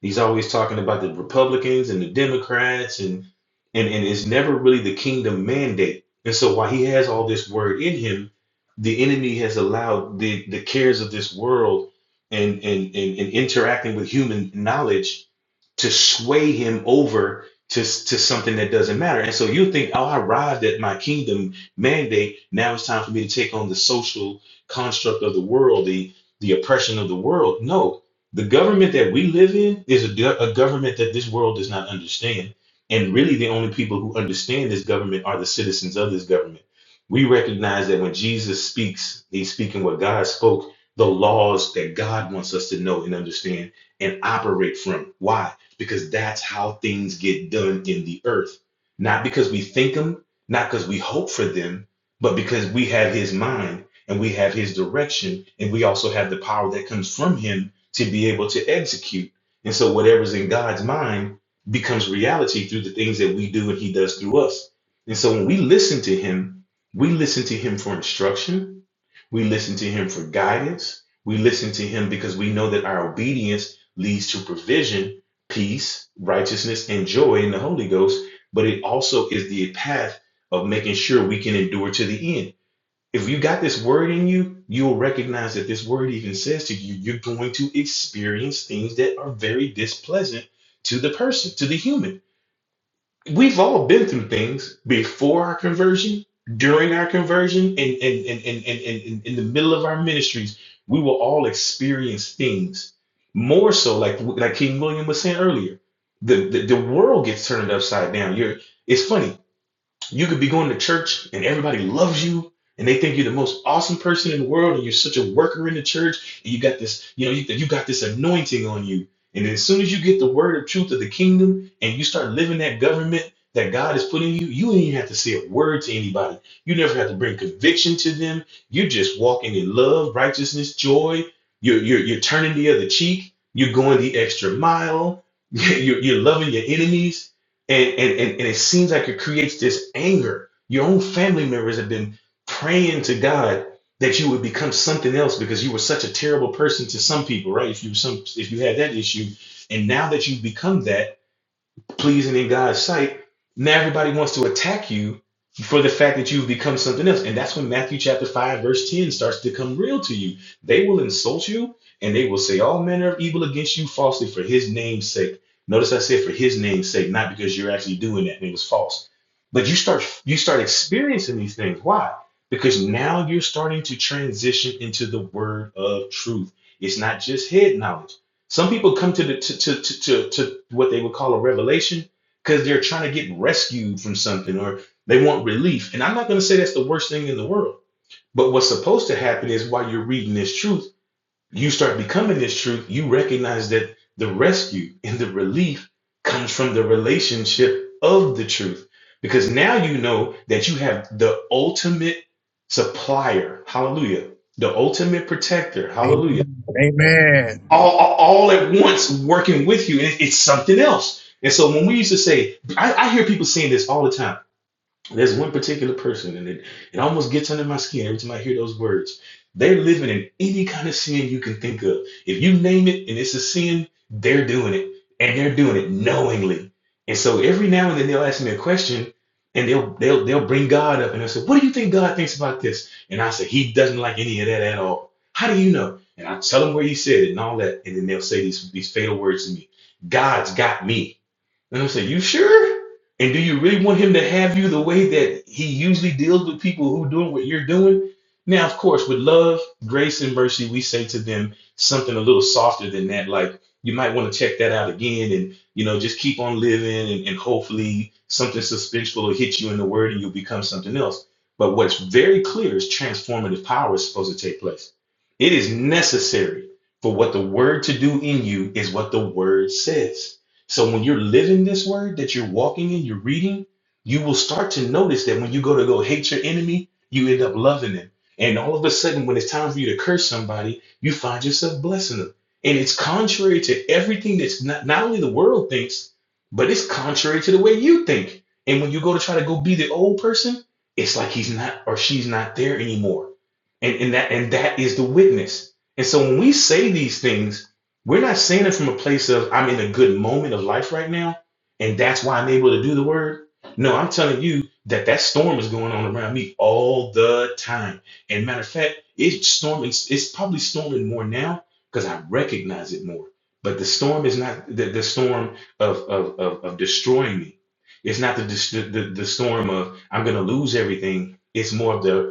S2: He's always talking about the Republicans and the Democrats and and and it's never really the kingdom mandate. And so while he has all this word in him, the enemy has allowed the the cares of this world and and and, and interacting with human knowledge to sway him over to, to something that doesn't matter. And so you think, oh, I arrived at my kingdom mandate. Now it's time for me to take on the social construct of the world, the the oppression of the world. No, the government that we live in is a, go- a government that this world does not understand. And really, the only people who understand this government are the citizens of this government. We recognize that when Jesus speaks, he's speaking what God spoke, the laws that God wants us to know and understand and operate from. Why? Because that's how things get done in the earth. Not because we think them, not because we hope for them, but because we have his mind and we have his direction and we also have the power that comes from him to be able to execute. And so whatever's in God's mind becomes reality through the things that we do and he does through us. And so when we listen to him, we listen to him for instruction. We listen to him for guidance. We listen to him because we know that our obedience leads to provision, peace, righteousness, and joy in the Holy Ghost. But it also is the path of making sure we can endure to the end. If you got this word in you, you will recognize that this word even says to you, you're going to experience things that are very displeasant to the person, to the human. We've all been through things before our conversion, during our conversion, and, and, and, and, and, and, and in the middle of our ministries. We will all experience things more so, like like King William was saying earlier. The, the, the world gets turned upside down. You're, it's funny you could be going to church and everybody loves you and they think you're the most awesome person in the world and you're such a worker in the church and you got this, you know, you, you got this anointing on you. And as soon as you get the word of truth of the kingdom and you start living that government that God has put in you, you not even have to say a word to anybody. You never have to bring conviction to them. You're just walking in love, righteousness, joy. You're, you're, you're turning the other cheek. You're going the extra mile. You're, you're loving your enemies and, and, and, and it seems like it creates this anger. Your own family members have been praying to God that you would become something else because you were such a terrible person to some people, right? If you were some if you had that issue, and now that you've become that pleasing in God's sight, now everybody wants to attack you for the fact that you've become something else. And that's when Matthew chapter 5, verse 10 starts to come real to you. They will insult you and they will say all manner of evil against you falsely for his name's sake. Notice I said for his name's sake, not because you're actually doing that and it was false. But you start you start experiencing these things. Why? Because now you're starting to transition into the word of truth. It's not just head knowledge. Some people come to the to to to, to, to what they would call a revelation because they're trying to get rescued from something or they want relief. And I'm not going to say that's the worst thing in the world. But what's supposed to happen is while you're reading this truth, you start becoming this truth. You recognize that the rescue and the relief comes from the relationship of the truth. Because now you know that you have the ultimate supplier. Hallelujah. The ultimate protector. Hallelujah
S3: Amen. Amen.
S2: all, all at once working with you. And it- it's something else. And so when we used to say, I, I hear people saying this all the time. There's one particular person, and it, it almost gets under my skin every time I hear those words. They're living in any kind of sin you can think of. If you name it and it's a sin, they're doing it, and they're doing it knowingly. And so every now and then they'll ask me a question, and they'll they'll they'll bring God up, and they'll say, "What do you think God thinks about this?" And I say, "He doesn't like any of that at all." How do you know? And I tell them where He said it and all that, and then they'll say these these fatal words to me. God's got me. And I say, you sure? And do you really want him to have you the way that he usually deals with people who doing what you're doing? Now, of course, with love, grace, and mercy, we say to them something a little softer than that, like you might want to check that out again and you know, just keep on living and, and hopefully something suspenseful will hit you in the word and you'll become something else. But what's very clear is transformative power is supposed to take place. It is necessary for what the word to do in you is what the word says. So when you're living this word that you're walking in, you're reading, you will start to notice that when you go to go hate your enemy, you end up loving them. And all of a sudden, when it's time for you to curse somebody, you find yourself blessing them. And it's contrary to everything that's not, not only the world thinks, but it's contrary to the way you think. And when you go to try to go be the old person, it's like he's not or she's not there anymore. And, and that and that is the witness. And so when we say these things, we're not saying it from a place of I'm in a good moment of life right now, and that's why I'm able to do the word. No, I'm telling you that that storm is going on around me all the time. And matter of fact, it's storming. It's probably storming more now because I recognize it more. But the storm is not the, the storm of, of of of destroying me. It's not the, dis- the the the storm of I'm going to lose everything. It's more of the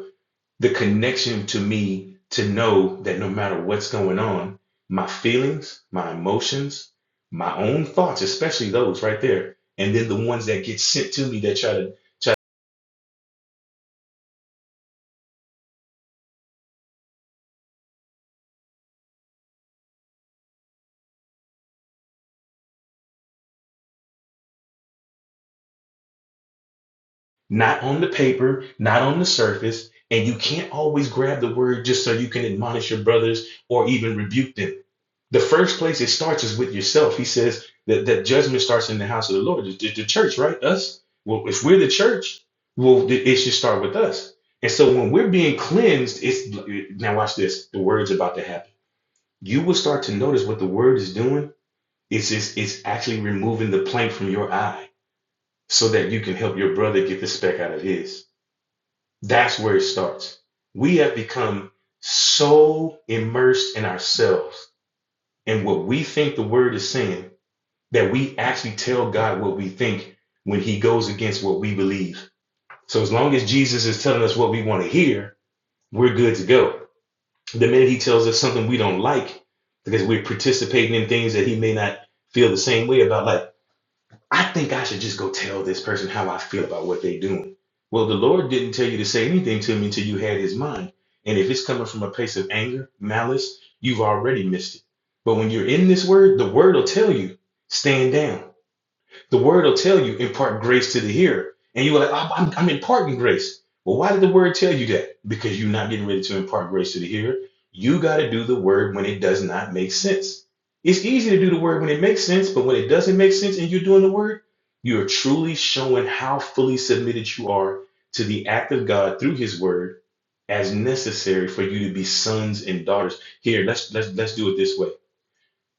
S2: the connection to me to know that no matter what's going on, my feelings, my emotions, my own thoughts, especially those right there, and then the ones that get sent to me that try to not on the paper, not on the surface. And you can't always grab the word just so you can admonish your brothers or even rebuke them. The first place it starts is with yourself. He says that, that judgment starts in the house of the Lord, the, the church, right? Us. Well, if we're the church, well, it should start with us. And so when we're being cleansed, it's now watch this. The word's about to happen. You will start to notice what the word is doing. It's it's, it's actually removing the plank from your eye so that you can help your brother get the speck out of his. That's where it starts. We have become so immersed in ourselves and what we think the word is saying that we actually tell God what we think when he goes against what we believe. So as long as Jesus is telling us what we want to hear, we're good to go. The minute he tells us something we don't like, because we're participating in things that he may not feel the same way about, like I think I should just go tell this person how I feel about what they're doing. Well, the Lord didn't tell you to say anything to me until you had his mind. And if it's coming from a place of anger, malice, you've already missed it. But when you're in this word, the word will tell you, stand down. The word will tell you impart grace to the hearer. And you're like, I'm, I'm, I'm imparting grace. Well, why did the word tell you that? Because you're not getting ready to impart grace to the hearer. You got to do the word when it does not make sense. It's easy to do the word when it makes sense, but when it doesn't make sense and you're doing the word, you are truly showing how fully submitted you are to the act of God through his word as necessary for you to be sons and daughters. Here, let's let's let's do it this way.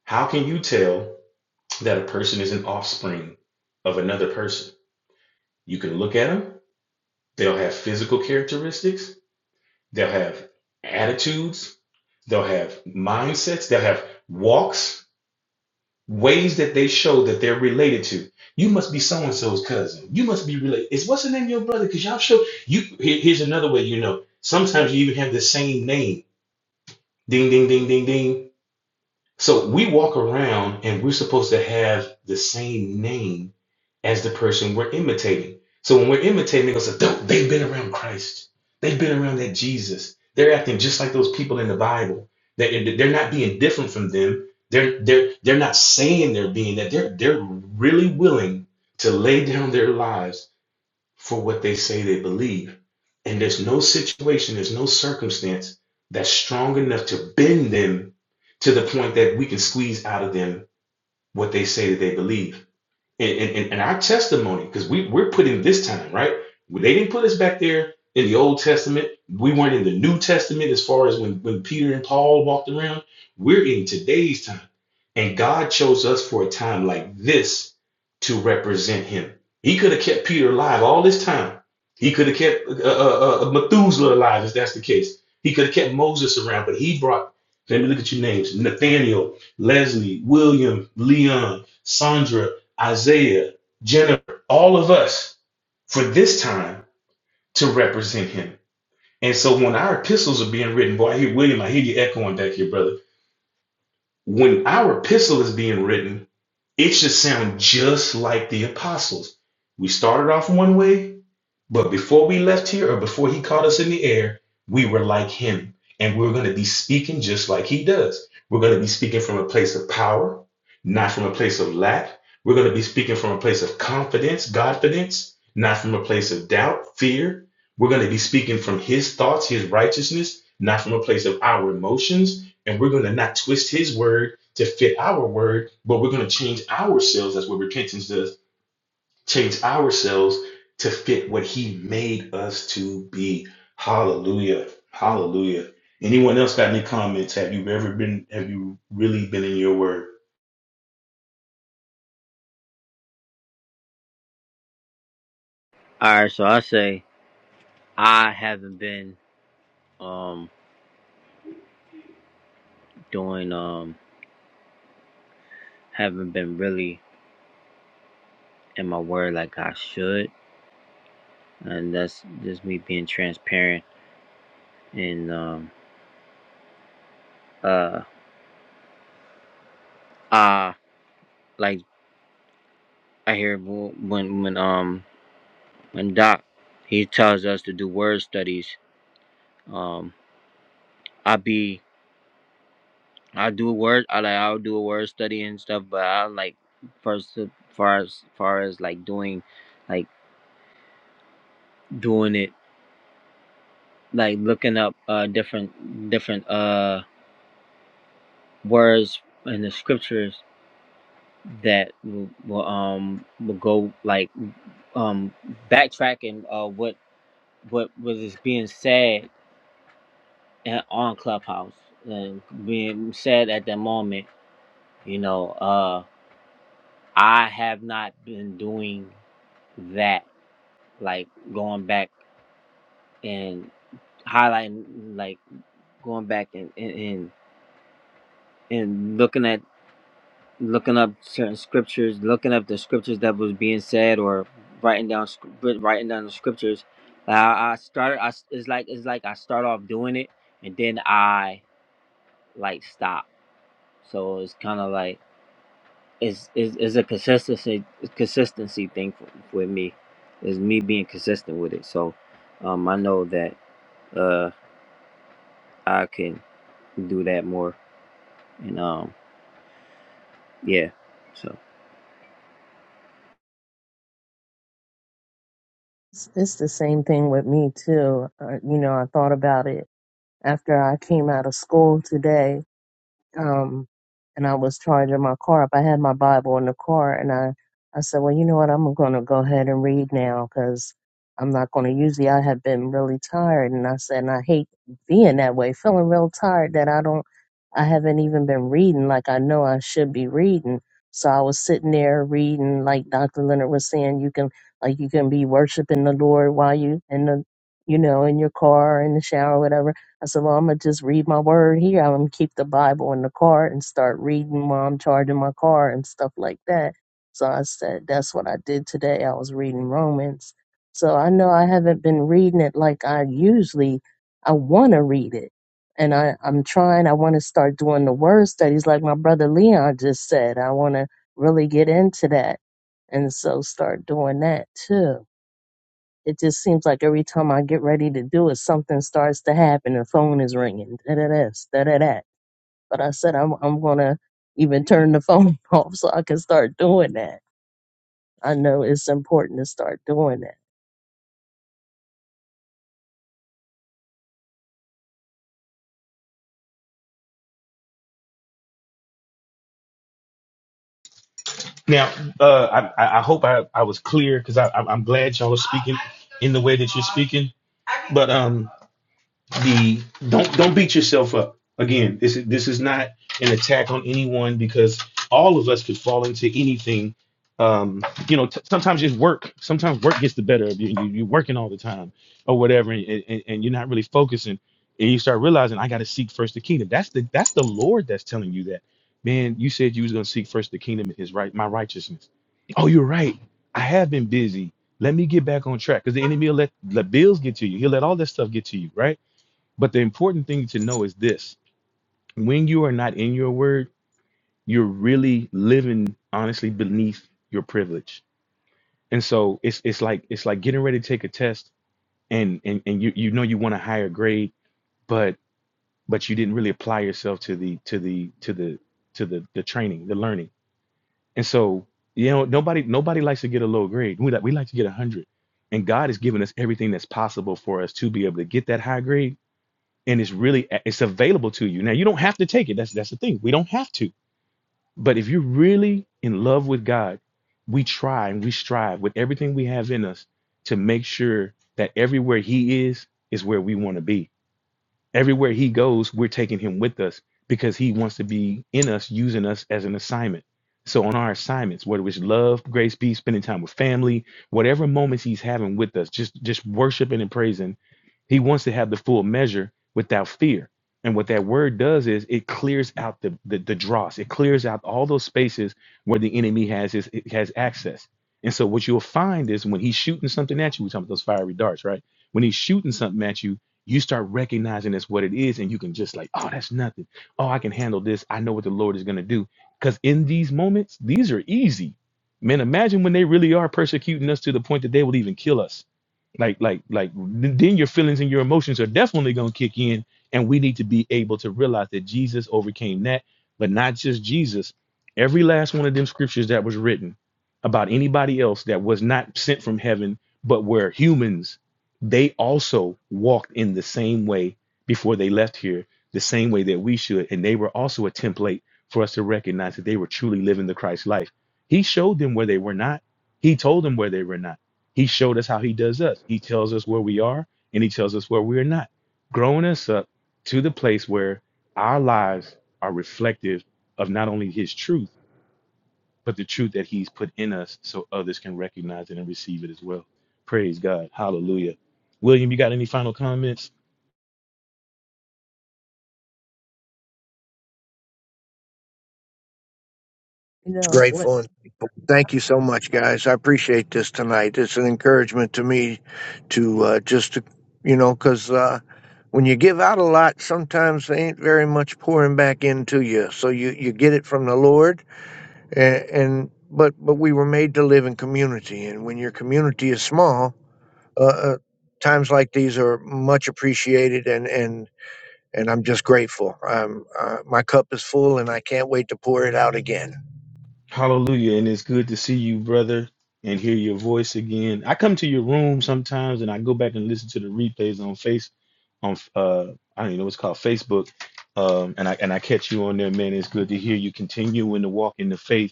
S2: How can you tell that a person is an offspring of another person. You can look at them, they'll have physical characteristics, they'll have attitudes, they'll have mindsets, they'll have walks, ways that they show that they're related to. You must be so and so's cousin. You must be related. It's what's the name of your brother? Because y'all show you. here- here's another way you know. Sometimes you even have the same name. Ding, ding, ding, ding, ding. So we walk around and we're supposed to have the same name as the person we're imitating. So when we're imitating, they're going to say, they've been around Christ. They've been around that Jesus. They're acting just like those people in the Bible. They, they're not being different from them. They're, they're, they're not saying they're being that. They're, they're really willing to lay down their lives for what they say they believe. And there's no situation, there's no circumstance that's strong enough to bend them to the point that we can squeeze out of them what they say that they believe and, and, and our testimony, because we, we're put in this time, right? They didn't put us back there in the Old Testament. We weren't in the New Testament as far as when, when Peter and Paul walked around. We're in today's time. And God chose us for a time like this to represent him. He could have kept Peter alive all this time. He could have kept uh, uh, uh, uh, Methuselah alive, if that's the case. He could have kept Moses around, but he brought, let me look at your names Nathaniel, Leslie, William, Leon, Sandra, Isaiah, Jennifer, all of us for this time to represent him. And so when our epistles are being written, boy, I hear William, I hear you echoing back here, brother. When our epistle is being written, it should sound just like the apostles. We started off one way, but before we left here or before he caught us in the air, we were like him. And we're going to be speaking just like he does. We're going to be speaking from a place of power, not from a place of lack. We're going to be speaking from a place of confidence, confidence, not from a place of doubt, fear. We're going to be speaking from his thoughts, his righteousness, not from a place of our emotions. And we're going to not twist his word to fit our word, but we're going to change ourselves. That's what repentance does change ourselves to fit what he made us to be. Hallelujah. Hallelujah. Anyone else got any comments? Have you ever been, have you really been in your word?
S4: All right, so I say I haven't been um doing um haven't been really in my word like I should, and that's just me being transparent and um uh uh like I hear wh- when when um when Doc he tells us to do word studies um I be I do a word I like I'll do a word study and stuff, but I like first as far as far as like doing like doing it like looking up uh different different uh words in the scriptures that will, will um will go like um backtracking uh what what was being said at, on Clubhouse and being said at that moment, you know, uh I have not been doing that like going back and highlighting like going back and and and, and looking at looking up certain scriptures, looking up the scriptures that was being said, or writing down sc- writ- writing down the scriptures. Like, I, I started. I s- it's like it's like I start off doing it, and then I like stop. So it's kind of like it's, it's it's a consistency consistency thing for, with me. Is me being consistent with it. So um, I know that uh, I can do that more, and um, yeah. So.
S1: It's, it's the same thing with me too. Uh, you know, I thought about it after I came out of school today. um, and I was charging my car up. I had my Bible in the car, and I, I said, well, you know what? I'm going to go ahead and read now because I'm not going to. Usually, I have been really tired, and I said, and I hate being that way, feeling real tired that I don't, I haven't even been reading like I know I should be reading. So I was sitting there reading, like Dr. Leonard was saying, you can, like, you can be worshiping the Lord while you in the, you know, in your car, in the shower, whatever I said, Well, I'm going to just read my word here. I'm going to keep the Bible in the car and start reading while I'm charging my car and stuff like that. So I said, That's what I did today. I was reading Romans. So I know I haven't been reading it like I usually, I want to read it. And I, I'm trying, I want to start doing the word studies like my brother Leon just said. I want to really get into that. And so start doing that too. It just seems like every time I get ready to do it, something starts to happen. The phone is ringing. Da da this, da da that. But I said I'm I'm gonna even turn the phone off so I can start doing that. I know it's important to start doing that.
S2: Now, uh, I, I hope I, I was clear because I'm glad y'all are speaking in the way that you're speaking. But um. the don't don't beat yourself up. Again, this is this is not an attack on anyone because all of us could fall into anything. Um, you know, t- sometimes it's work. Sometimes work gets the better of you. you you're working all the time or whatever, and, and, and you're not really focusing. And you start realizing I got to seek first the kingdom. That's the that's the Lord that's telling you that. Man, you said you was gonna seek first the kingdom, and his right, my righteousness. Oh, you're right. I have been busy. Let me get back on track because the enemy will let the bills get to you. He'll let all that stuff get to you, right? But the important thing to know is this when you are not in your word, you're really living honestly beneath your privilege. And so it's it's like it's like getting ready to take a test and and, and you you know you want a higher grade, but but you didn't really apply yourself to the to the to the to the the training, the learning. And so you know nobody nobody likes to get a low grade. We like we like to get a hundred. And God has given us everything that's possible for us to be able to get that high grade and it's really it's available to you. Now you don't have to take it. That's that's the thing. We don't have to. But if you're really in love with God, we try and we strive with everything we have in us to make sure that everywhere He is is where we want to be Everywhere he goes, we're taking him with us because he wants to be in us, using us as an assignment. So on our assignments, whether it's love, grace, peace, spending time with family, whatever moments he's having with us, just just worshiping and praising, he wants to have the full measure without fear. And what that word does is it clears out the the, the dross. It clears out all those spaces where the enemy has his it has access. And so what you'll find is when he's shooting something at you, we're talking about those fiery darts, right? When he's shooting something at you, you start recognizing that's what it is, and you can just like, oh, that's nothing. Oh, I can handle this. I know what the Lord is gonna do. Because in these moments, these are easy. Man, imagine when they really are persecuting us to the point that they will even kill us. Like, like, like then your feelings and your emotions are definitely gonna kick in, and we need to be able to realize that Jesus overcame that, but not just Jesus. Every last one of them scriptures that was written about anybody else that was not sent from heaven, but were humans they also walked in the same way before they left here, the same way that we should. And they were also a template for us to recognize that they were truly living the Christ life. He showed them where they were not, He told them where they were not. He showed us how He does us. He tells us where we are and He tells us where we are not, growing us up to the place where our lives are reflective of not only His truth but the truth that he's put in us so others can recognize it and receive it as well. Praise God. Hallelujah. William, you got any final comments?
S1: You know what?
S3: Grateful and thankful. thank you so much, guys. I appreciate this tonight. It's an encouragement to me to uh, just, to, you know, because uh, when you give out a lot, sometimes there ain't very much pouring back into you. So you, you get it from the Lord, and, and but but we were made to live in community, and when your community is small, uh, uh, times like these are much appreciated, and and and I'm just grateful. Um, uh, my cup is full, and I can't wait to pour it out again.
S2: Hallelujah. And it's good to see you, brother, and hear your voice again. I come to your room sometimes and I go back and listen to the replays on Face on uh I don't even know what's called Facebook. Um and I and I catch you on there, man. It's good to hear you continuing to walk in the faith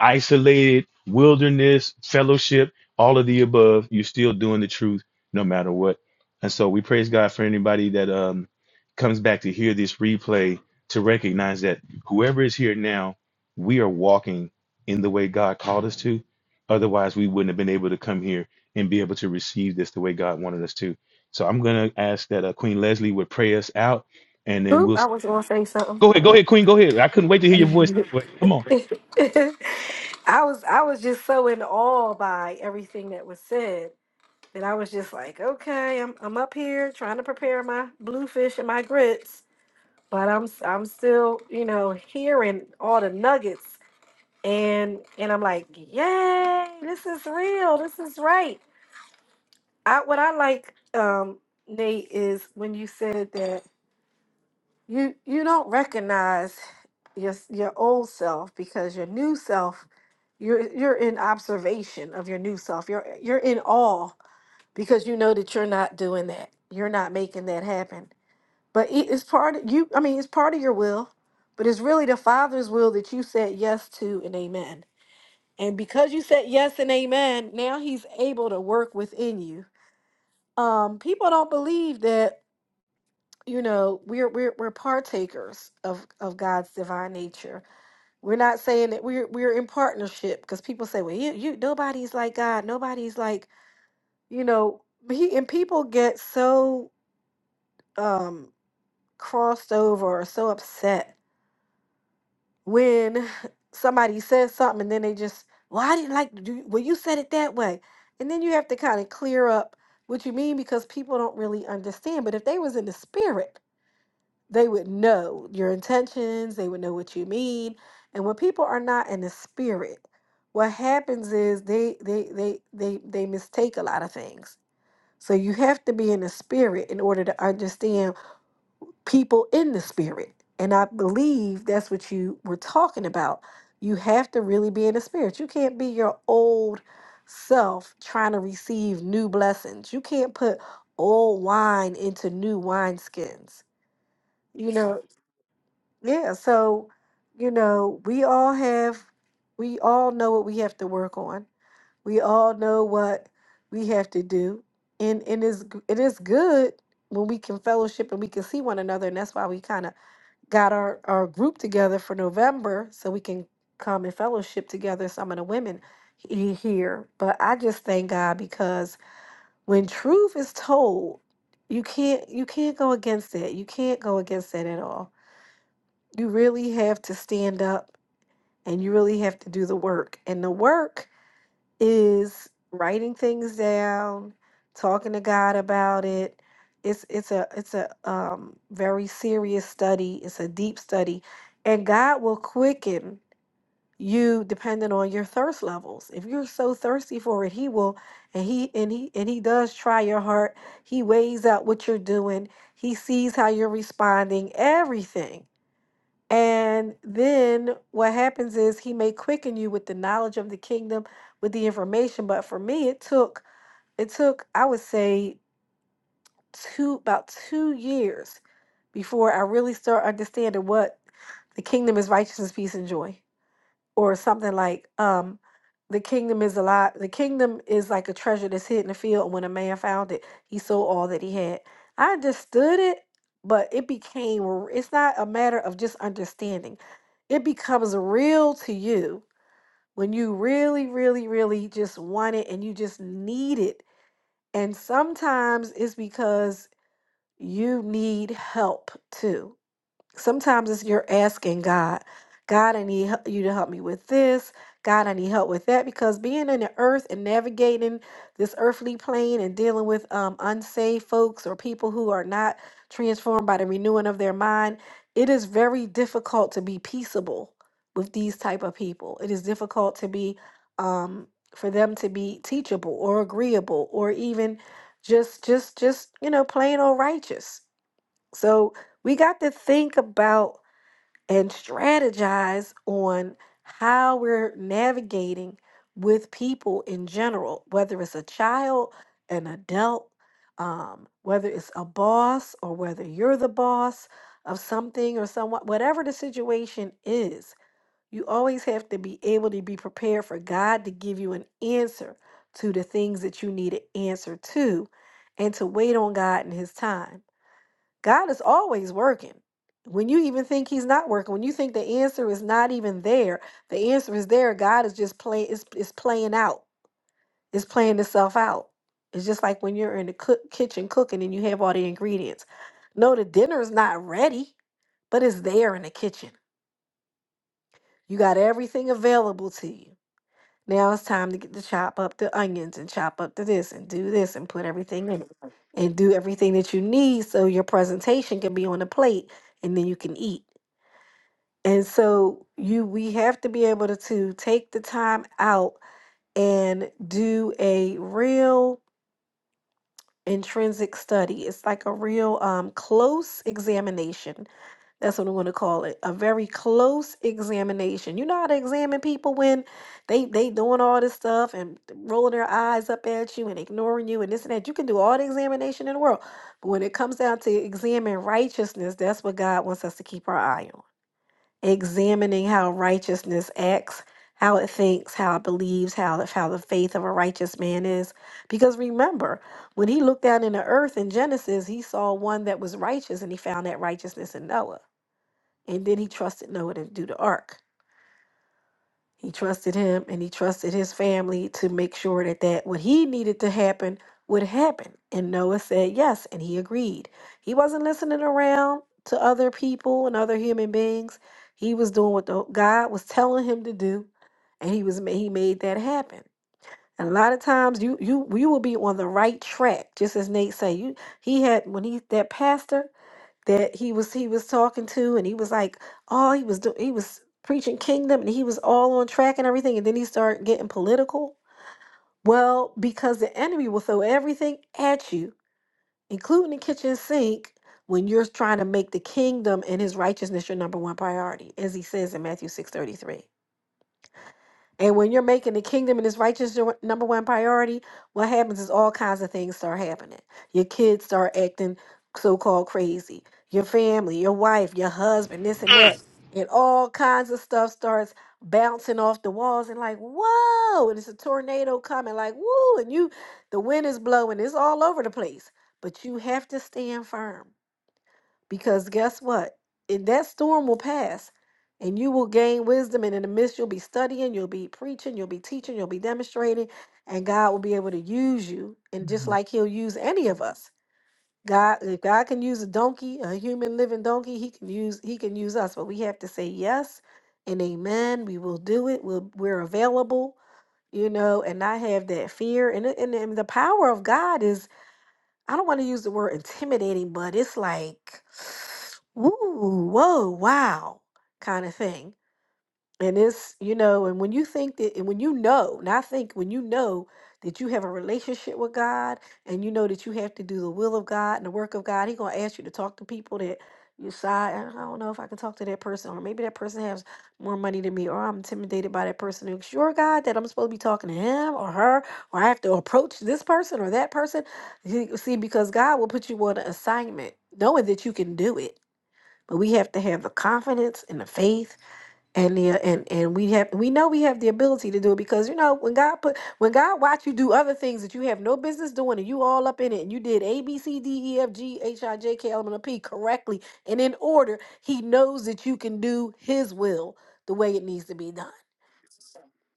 S2: isolated, wilderness, fellowship, all of the above. You're still doing the truth no matter what. And so we praise God for anybody that um, comes back to hear this replay to recognize that whoever is here now, we are walking in the way God called us to. Otherwise, we wouldn't have been able to come here and be able to receive this the way God wanted us to. So I'm going to ask that uh, Queen Leslie would pray us out and then
S5: Oop,
S2: we'll
S5: I was gonna say something.
S2: go ahead. Go ahead, Queen. Go ahead. I couldn't wait to hear your voice. Anyway. Come on.
S5: I was I was just so in awe by everything that was said that I was just like, okay, I'm I'm up here trying to prepare my bluefish and my grits, but I'm s- I'm still you know hearing all the nuggets and and I'm like, yay, this is real, this is right. I what I like, um, Nate, is when you said that. you you don't recognize your your old self because your new self you're you're in observation of your new self you're you're in awe because you know that you're not doing that you're not making that happen but it- it's part of you i mean it's part of your will but it's really the father's will that you said yes to and amen and because you said yes and amen now he's able to work within you um people don't believe that you know we're we're we're partakers of of God's divine nature. We're not saying that we're we're in partnership because people say, well, you you nobody's like God, nobody's like you know. He and people get so um crossed over or so upset when somebody says something and then they just, well, I didn't like do well you said it that way, and then you have to kind of clear up what you mean because people don't really understand. But if they was in the spirit they would know your intentions, they would know what you mean. And when people are not in the spirit, what happens is they they they they they mistake a lot of things. So you have to be in the spirit in order to understand people in the spirit. And I believe that's what you were talking about. You have to really be in the spirit. You can't be your old self trying to receive new blessings. You can't put old wine into new wineskins. You know, yeah, so you know, we all have we all know what we have to work on. We all know what we have to do. And and it's g- it is good when we can fellowship and we can see one another and that's why we kind of got our our group together for November so we can come and fellowship together some of the women he- here. But I just thank God because when truth is told, you can't you can't go against it. You can't go against it at all you really have to stand up and you really have to do the work. And the work is writing things down, talking to God about it. It's it's a it's a um very serious study. It's a deep study. And God will quicken you depending on your thirst levels. If you're so thirsty for it, he will and he and he and he does try your heart. He weighs out what you're doing. He sees how you're responding, everything. And then what happens is he may quicken you with the knowledge of the kingdom, with the information. But for me, it took it took, I would say, two about two years before I really start understanding what the kingdom is righteousness, peace, and joy or something like um the kingdom is a lot the kingdom is like a treasure that's hid in the field and when a man found it he sold all that he had i understood it but it became r- it's not a matter of just understanding it becomes real to you when you really really really just want it and you just need it and sometimes it's because you need help too sometimes it's you're asking God, God, I need hel- you to help me with this. God, I need help with that because being in the earth and navigating this earthly plane and dealing with um, unsaved folks or people who are not transformed by the renewing of their mind, it is very difficult to be peaceable with these type of people. It is difficult to be um, for them to be teachable or agreeable or even just just just you know plain old righteous so we got to think about and strategize on how we're navigating with people in general, whether it's a child, an adult, um, whether it's a boss or whether you're the boss of something or someone, whatever the situation is, you always have to be able to be prepared for God to give you an answer to the things that you need an answer to and to wait on God in His time God is always working. When you even think he's not working, when you think the answer is not even there, the answer is there. God is just playing It's is playing out. It's playing itself out. It's just like when you're in the cook, kitchen cooking and you have all the ingredients. No, the dinner is not ready, but it's there in the kitchen. You got everything available to you. Now it's time to get to chop up the onions and chop up the this and do this and put everything in it and do everything that you need so your presentation can be on the plate and then you can eat. And so you we have to be able to, to take the time out and do a real intrinsic study. It's like a real um, close examination. That's what I'm going to call it. A very close examination. You know how to examine people when they they doing all this stuff and rolling their eyes up at you and ignoring you and this and that. You can do all the examination in the world. But when it comes down to examine righteousness, that's what God wants us to keep our eye on examining how righteousness acts, how it thinks, how it believes, how how the faith of a righteous man is. Because remember, when he looked down in the earth in Genesis, he saw one that was righteous, and he found that righteousness in Noah. And then he trusted Noah to do the ark. He trusted him and he trusted his family to make sure that, that what he needed to happen would happen. And Noah said yes, and he agreed. He wasn't listening around to other people and other human beings. He was doing what the, God was telling him to do, and he was ma- he made that happen. And a lot of times you you you will be on the right track, just as Nate say. You he had when he that pastor that he was he was talking to and he was like oh he was doing he was preaching kingdom and he was all on track and everything and then he started getting political well because the enemy will throw everything at you including the kitchen sink when you're trying to make the kingdom and his righteousness your number one priority as he says in matthew six thirty three. And when you're making the kingdom and its righteousness your number one priority, what happens is all kinds of things start happening. Your kids start acting so called crazy, your family, your wife, your husband, this and that. And all kinds of stuff starts bouncing off the walls and like, whoa, and it's a tornado coming, like, woo, and you the wind is blowing, it's all over the place. But you have to stand firm. Because guess what? And that storm will pass and you will gain wisdom. And in the midst, you'll be studying, you'll be preaching, you'll be teaching, you'll be demonstrating, and God will be able to use you. And just like He'll use any of us. God, if God can use a donkey, a human living donkey, He can use He can use us. But we have to say yes and amen. We will do it. We'll, we're available, you know, and not have that fear. And, it- and and the power of God is I don't want to use the word intimidating, but it's like, ooh, whoa, wow, kind of thing. And it's, you know, and when you think that, and when you know, and I think when you know that you have a relationship with God and you know that you have to do the will of God and the work of God, He going to ask you to talk to people that you side. I don't know if I can talk to that person, or maybe that person has more money than me, or I'm intimidated by that person. And sure, God, that I'm supposed to be talking to him or her, or I have to approach this person or that person. You see, because God will put you on an assignment knowing that you can do it. But we have to have the confidence and the faith and yeah, and and we have we know we have the ability to do it because you know when God put when God watch you do other things that you have no business doing and you all up in it and you did A B C D E F G H I J K L M N O P correctly and in order He knows that you can do His will the way it needs to be done.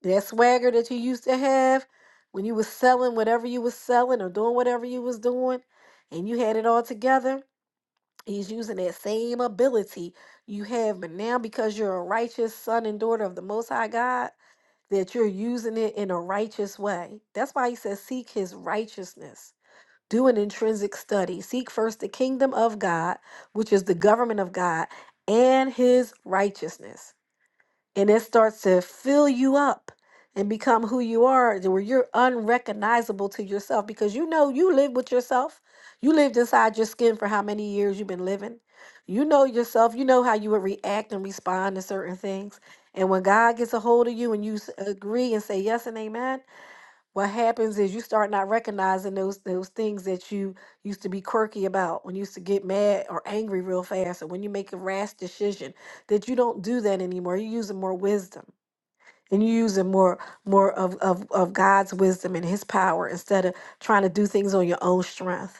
S5: That swagger that you used to have when you was selling whatever you was selling or doing whatever you was doing, and you had it all together He's using that same ability you have, but now because you're a righteous son and daughter of the Most High God, that you're using it in a righteous way. That's why he says, Seek his righteousness. Do an intrinsic study. Seek first the kingdom of God, which is the government of God, and his righteousness and it starts to fill you up and become who you are to where you're unrecognizable to yourself because you know you live with yourself you lived inside your skin for how many years you've been living you know yourself you know how you would react and respond to certain things and when god gets a hold of you and you s- agree and say yes and amen what happens is you start not recognizing those those things that you used to be quirky about when you used to get mad or angry real fast or when you make a rash decision that you don't do that anymore you're using more wisdom and you're using more more of, of, of god's wisdom and his power instead of trying to do things on your own strength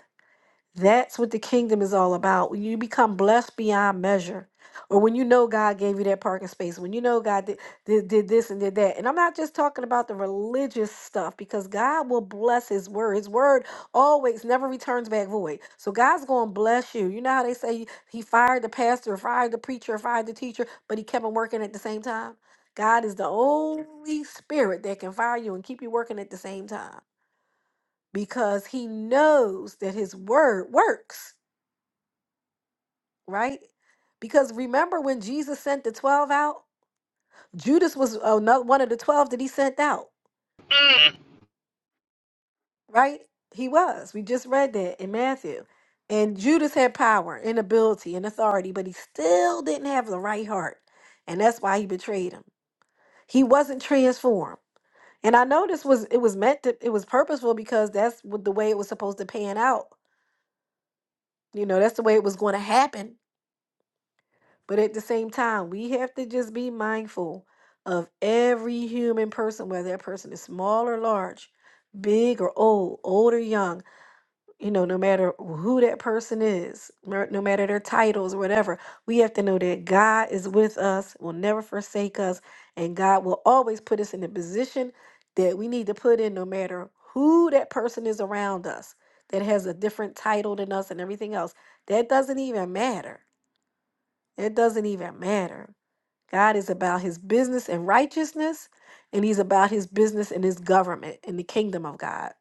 S5: that's what the kingdom is all about. When you become blessed beyond measure, or when you know God gave you that parking space, when you know God did, did, did this and did that. And I'm not just talking about the religious stuff because God will bless His word. His word always never returns back void. So God's going to bless you. You know how they say He fired the pastor, fired the preacher, fired the teacher, but He kept on working at the same time? God is the only spirit that can fire you and keep you working at the same time because He knows that His word works right? Because remember when Jesus sent the 12 out? Judas was another one of the 12 that he sent out, right? He was. We just read that in Matthew. And Judas had power and ability and authority, but he still didn't have the right heart. And that's why he betrayed him. He wasn't transformed. And I know this was it was meant to it was purposeful because that's what the way it was supposed to pan out. You know, that's the way it was going to happen But at the same time, we have to just be mindful of every human person, whether that person is small or large, big or old, old or young, you know, no matter who that person is, mer- no matter their titles or whatever, we have to know that God is with us, will never forsake us, and God will always put us in the position that we need to put in, no matter who that person is around us that has a different title than us and everything else. That doesn't even matter. It doesn't even matter. God is about his business and righteousness, and he's about his business and his government and the kingdom of God.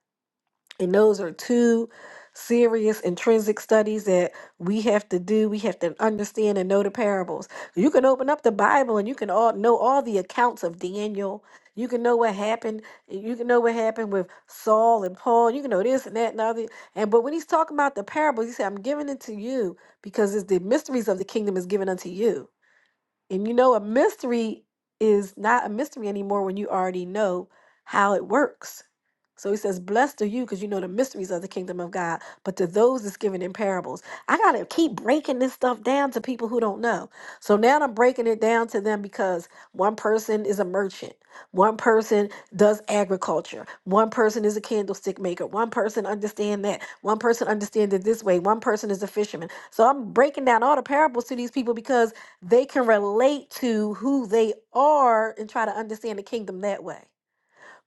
S5: And those are two serious intrinsic studies that we have to do. We have to understand and know the parables. You can open up the Bible and you can all know all the accounts of Daniel. You can know what happened. You can know what happened with Saul and Paul. You can know this and that and other. And but when he's talking about the parables, he said, I'm giving it to you because it's the mysteries of the kingdom is given unto you. And you know, a mystery is not a mystery anymore when you already know how it works. So he says, Blessed are you because you know the mysteries of the kingdom of God, but to those it's given in parables. I got to keep breaking this stuff down to people who don't know. So now I'm breaking it down to them because one person is a merchant, one person does agriculture, one person is a candlestick maker, one person understand that, one person understands it this way, one person is a fisherman. So I'm breaking down all the parables to these people because they can relate to who they are and try to understand the kingdom that way.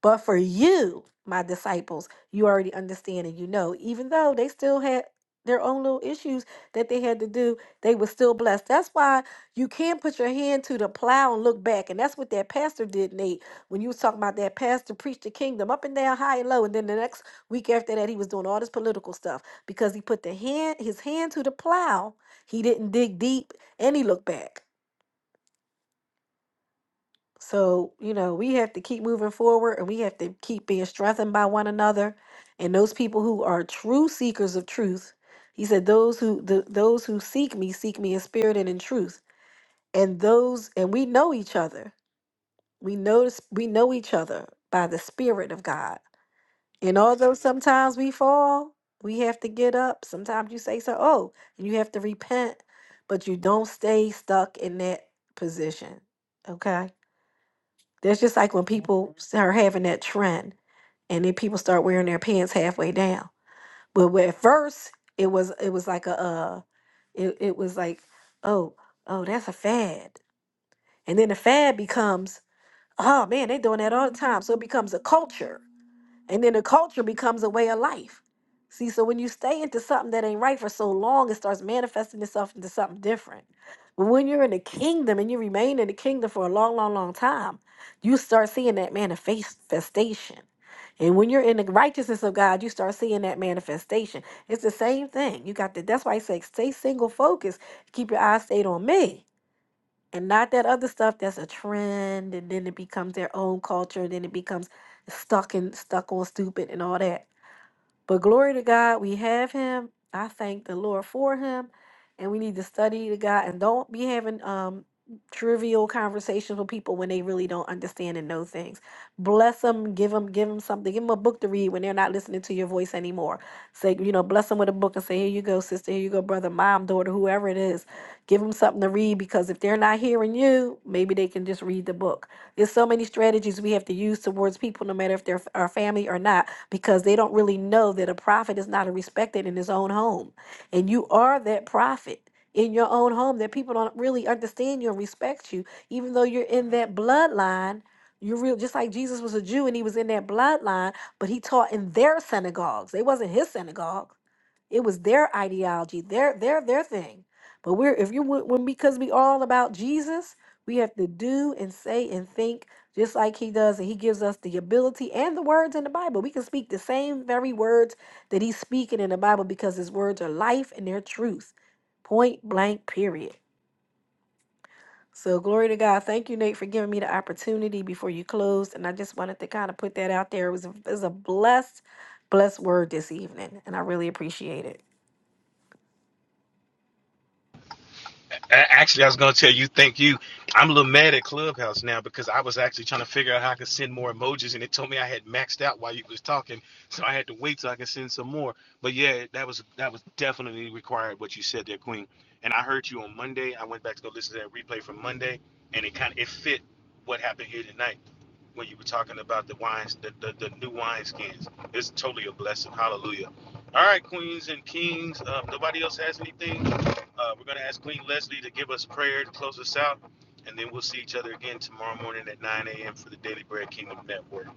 S5: But for you, my disciples, you already understand and you know, even though they still had their own little issues that they had to do, they were still blessed. That's why you can't put your hand to the plow and look back. And that's what that pastor did, Nate, when you was talking about that pastor preached the kingdom up and down, high and low. And then the next week after that, he was doing all this political stuff because he put the hand his hand to the plow. He didn't dig deep and he looked back. So, you know, we have to keep moving forward and we have to keep being strengthened by one another. And those people who are true seekers of truth, he said, those who the, those who seek me seek me in spirit and in truth. And those and we know each other. We know the s- we know each other by the spirit of God. And although sometimes we fall, we have to get up. Sometimes you say so, oh, and you have to repent, but you don't stay stuck in that position. Okay? That's just like when people start having that trend, and then people start wearing their pants halfway down. But where at first it was, it was like a, uh, it it was like, oh, oh, that's a fad, and then the fad becomes, oh man, they're doing that all the time, so it becomes a culture and then the culture becomes a way of life. See, so when you stay into something that ain't right for so long, it starts manifesting itself into something different. But when you're in the kingdom and you remain in the kingdom for a long, long, long time, you start seeing that manifestation. And when you're in the righteousness of God, you start seeing that manifestation. It's the same thing. You got to, that's why I say stay single focused, keep your eyes stayed on me and not that other stuff that's a trend and then it becomes their own culture and then it becomes stuck and stuck on stupid and all that but glory to God, we have him. I thank the Lord for him. And we need to study the God and don't be having um trivial conversations with people when they really don't understand and know things. Bless them, give them, give them something, give them a book to read when they're not listening to your voice anymore. Say, you know, bless them with a book and say, here you go, sister, here you go, brother, mom, daughter, whoever it is. Give them something to read because if they're not hearing you, maybe they can just read the book. There's so many strategies we have to use towards people, no matter if they're f- our family or not because they don't really know that a prophet is not respected in his own home. And you are that prophet in your own home that people don't really understand you and respect you, even though you're in that bloodline. You're real, just like Jesus was a Jew and he was in that bloodline, but he taught in their synagogues. They wasn't his synagogue it was their ideology, their their their thing. But we're if you when when- because we all about Jesus, we have to do and say and think just like he does, and he gives us the ability and the words in the Bible. We can speak the same very words that he's speaking in the Bible because his words are life and they're truth. Point blank, period. So glory to God. Thank you, Nate, for giving me the opportunity before you closed. And I just wanted to kind of put that out there. It was a, it was a blessed, blessed word this evening, and I really appreciate it.
S2: Actually, I was gonna tell you, thank you. I'm a little mad at Clubhouse now because I was actually trying to figure out how I could send more emojis, and it told me I had maxed out while you was talking, so I had to wait till I could send some more. But yeah, that was that was definitely required what you said there, Queen. And I heard you on Monday. I went back to go listen to that replay from Monday, and it kind of it fit what happened here tonight when you were talking about the wines, the, the, the new wineskins. It's totally a blessing. Hallelujah. All right, queens and kings. Um, nobody else has anything. Uh, we're going to ask Queen Leslie to give us prayer to close us out. And then we'll see each other again tomorrow morning at 9 a.m. for the Daily Bread Kingdom Network.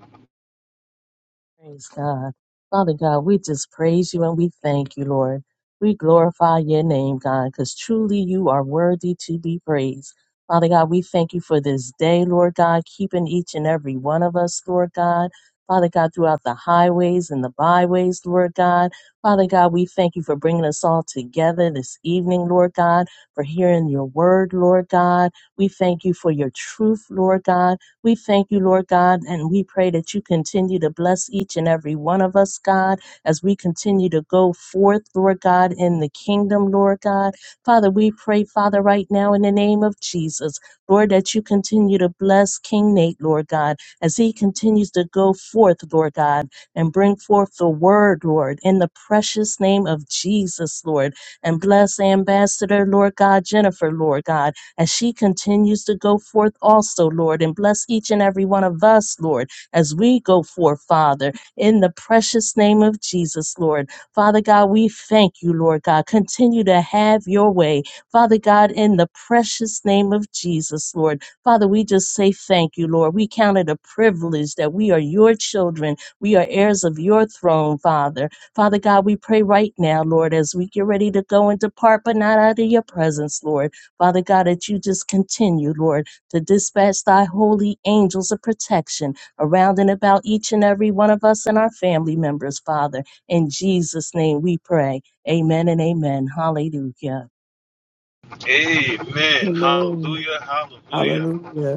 S1: Praise God. Father God, we just praise you and we thank you, Lord. We glorify your name, God, because truly you are worthy to be praised. Father God, we thank you for this day, Lord God, keeping each and every one of us, Lord God. Father God, throughout the highways and the byways, Lord God. Father God, we thank you for bringing us all together this evening, Lord God, for hearing your word, Lord God. We thank you for your truth, Lord God. We thank you, Lord God, and we pray that you continue to bless each and every one of us, God, as we continue to go forth, Lord God, in the kingdom, Lord God. Father, we pray, Father, right now in the name of Jesus, Lord, that you continue to bless King Nate, Lord God, as he continues to go forth, Lord God, and bring forth the word, Lord, in the precious name of Jesus, Lord, and bless Ambassador, Lord God, Jennifer, Lord God as she continues to go forth also, Lord, and bless each and every one of us, Lord, as we go forth, Father, in the precious name of Jesus, Lord. Father God, we thank you, Lord God. Continue to have your way, Father God, in the precious name of Jesus, Lord. Father, we just say thank you, Lord. We count it a privilege that we are your children. We are heirs of your throne, Father. Father God, we pray right now, Lord, as we get ready to go and depart, but not out of your presence, Lord. Father God, that you just continue, Lord, to dispatch thy holy angels of protection around and about each and every one of us and our family members, Father. In Jesus' name we pray. Amen and amen. Hallelujah.
S2: Amen.
S6: Amen.
S2: Hallelujah. Hallelujah.
S6: Hallelujah.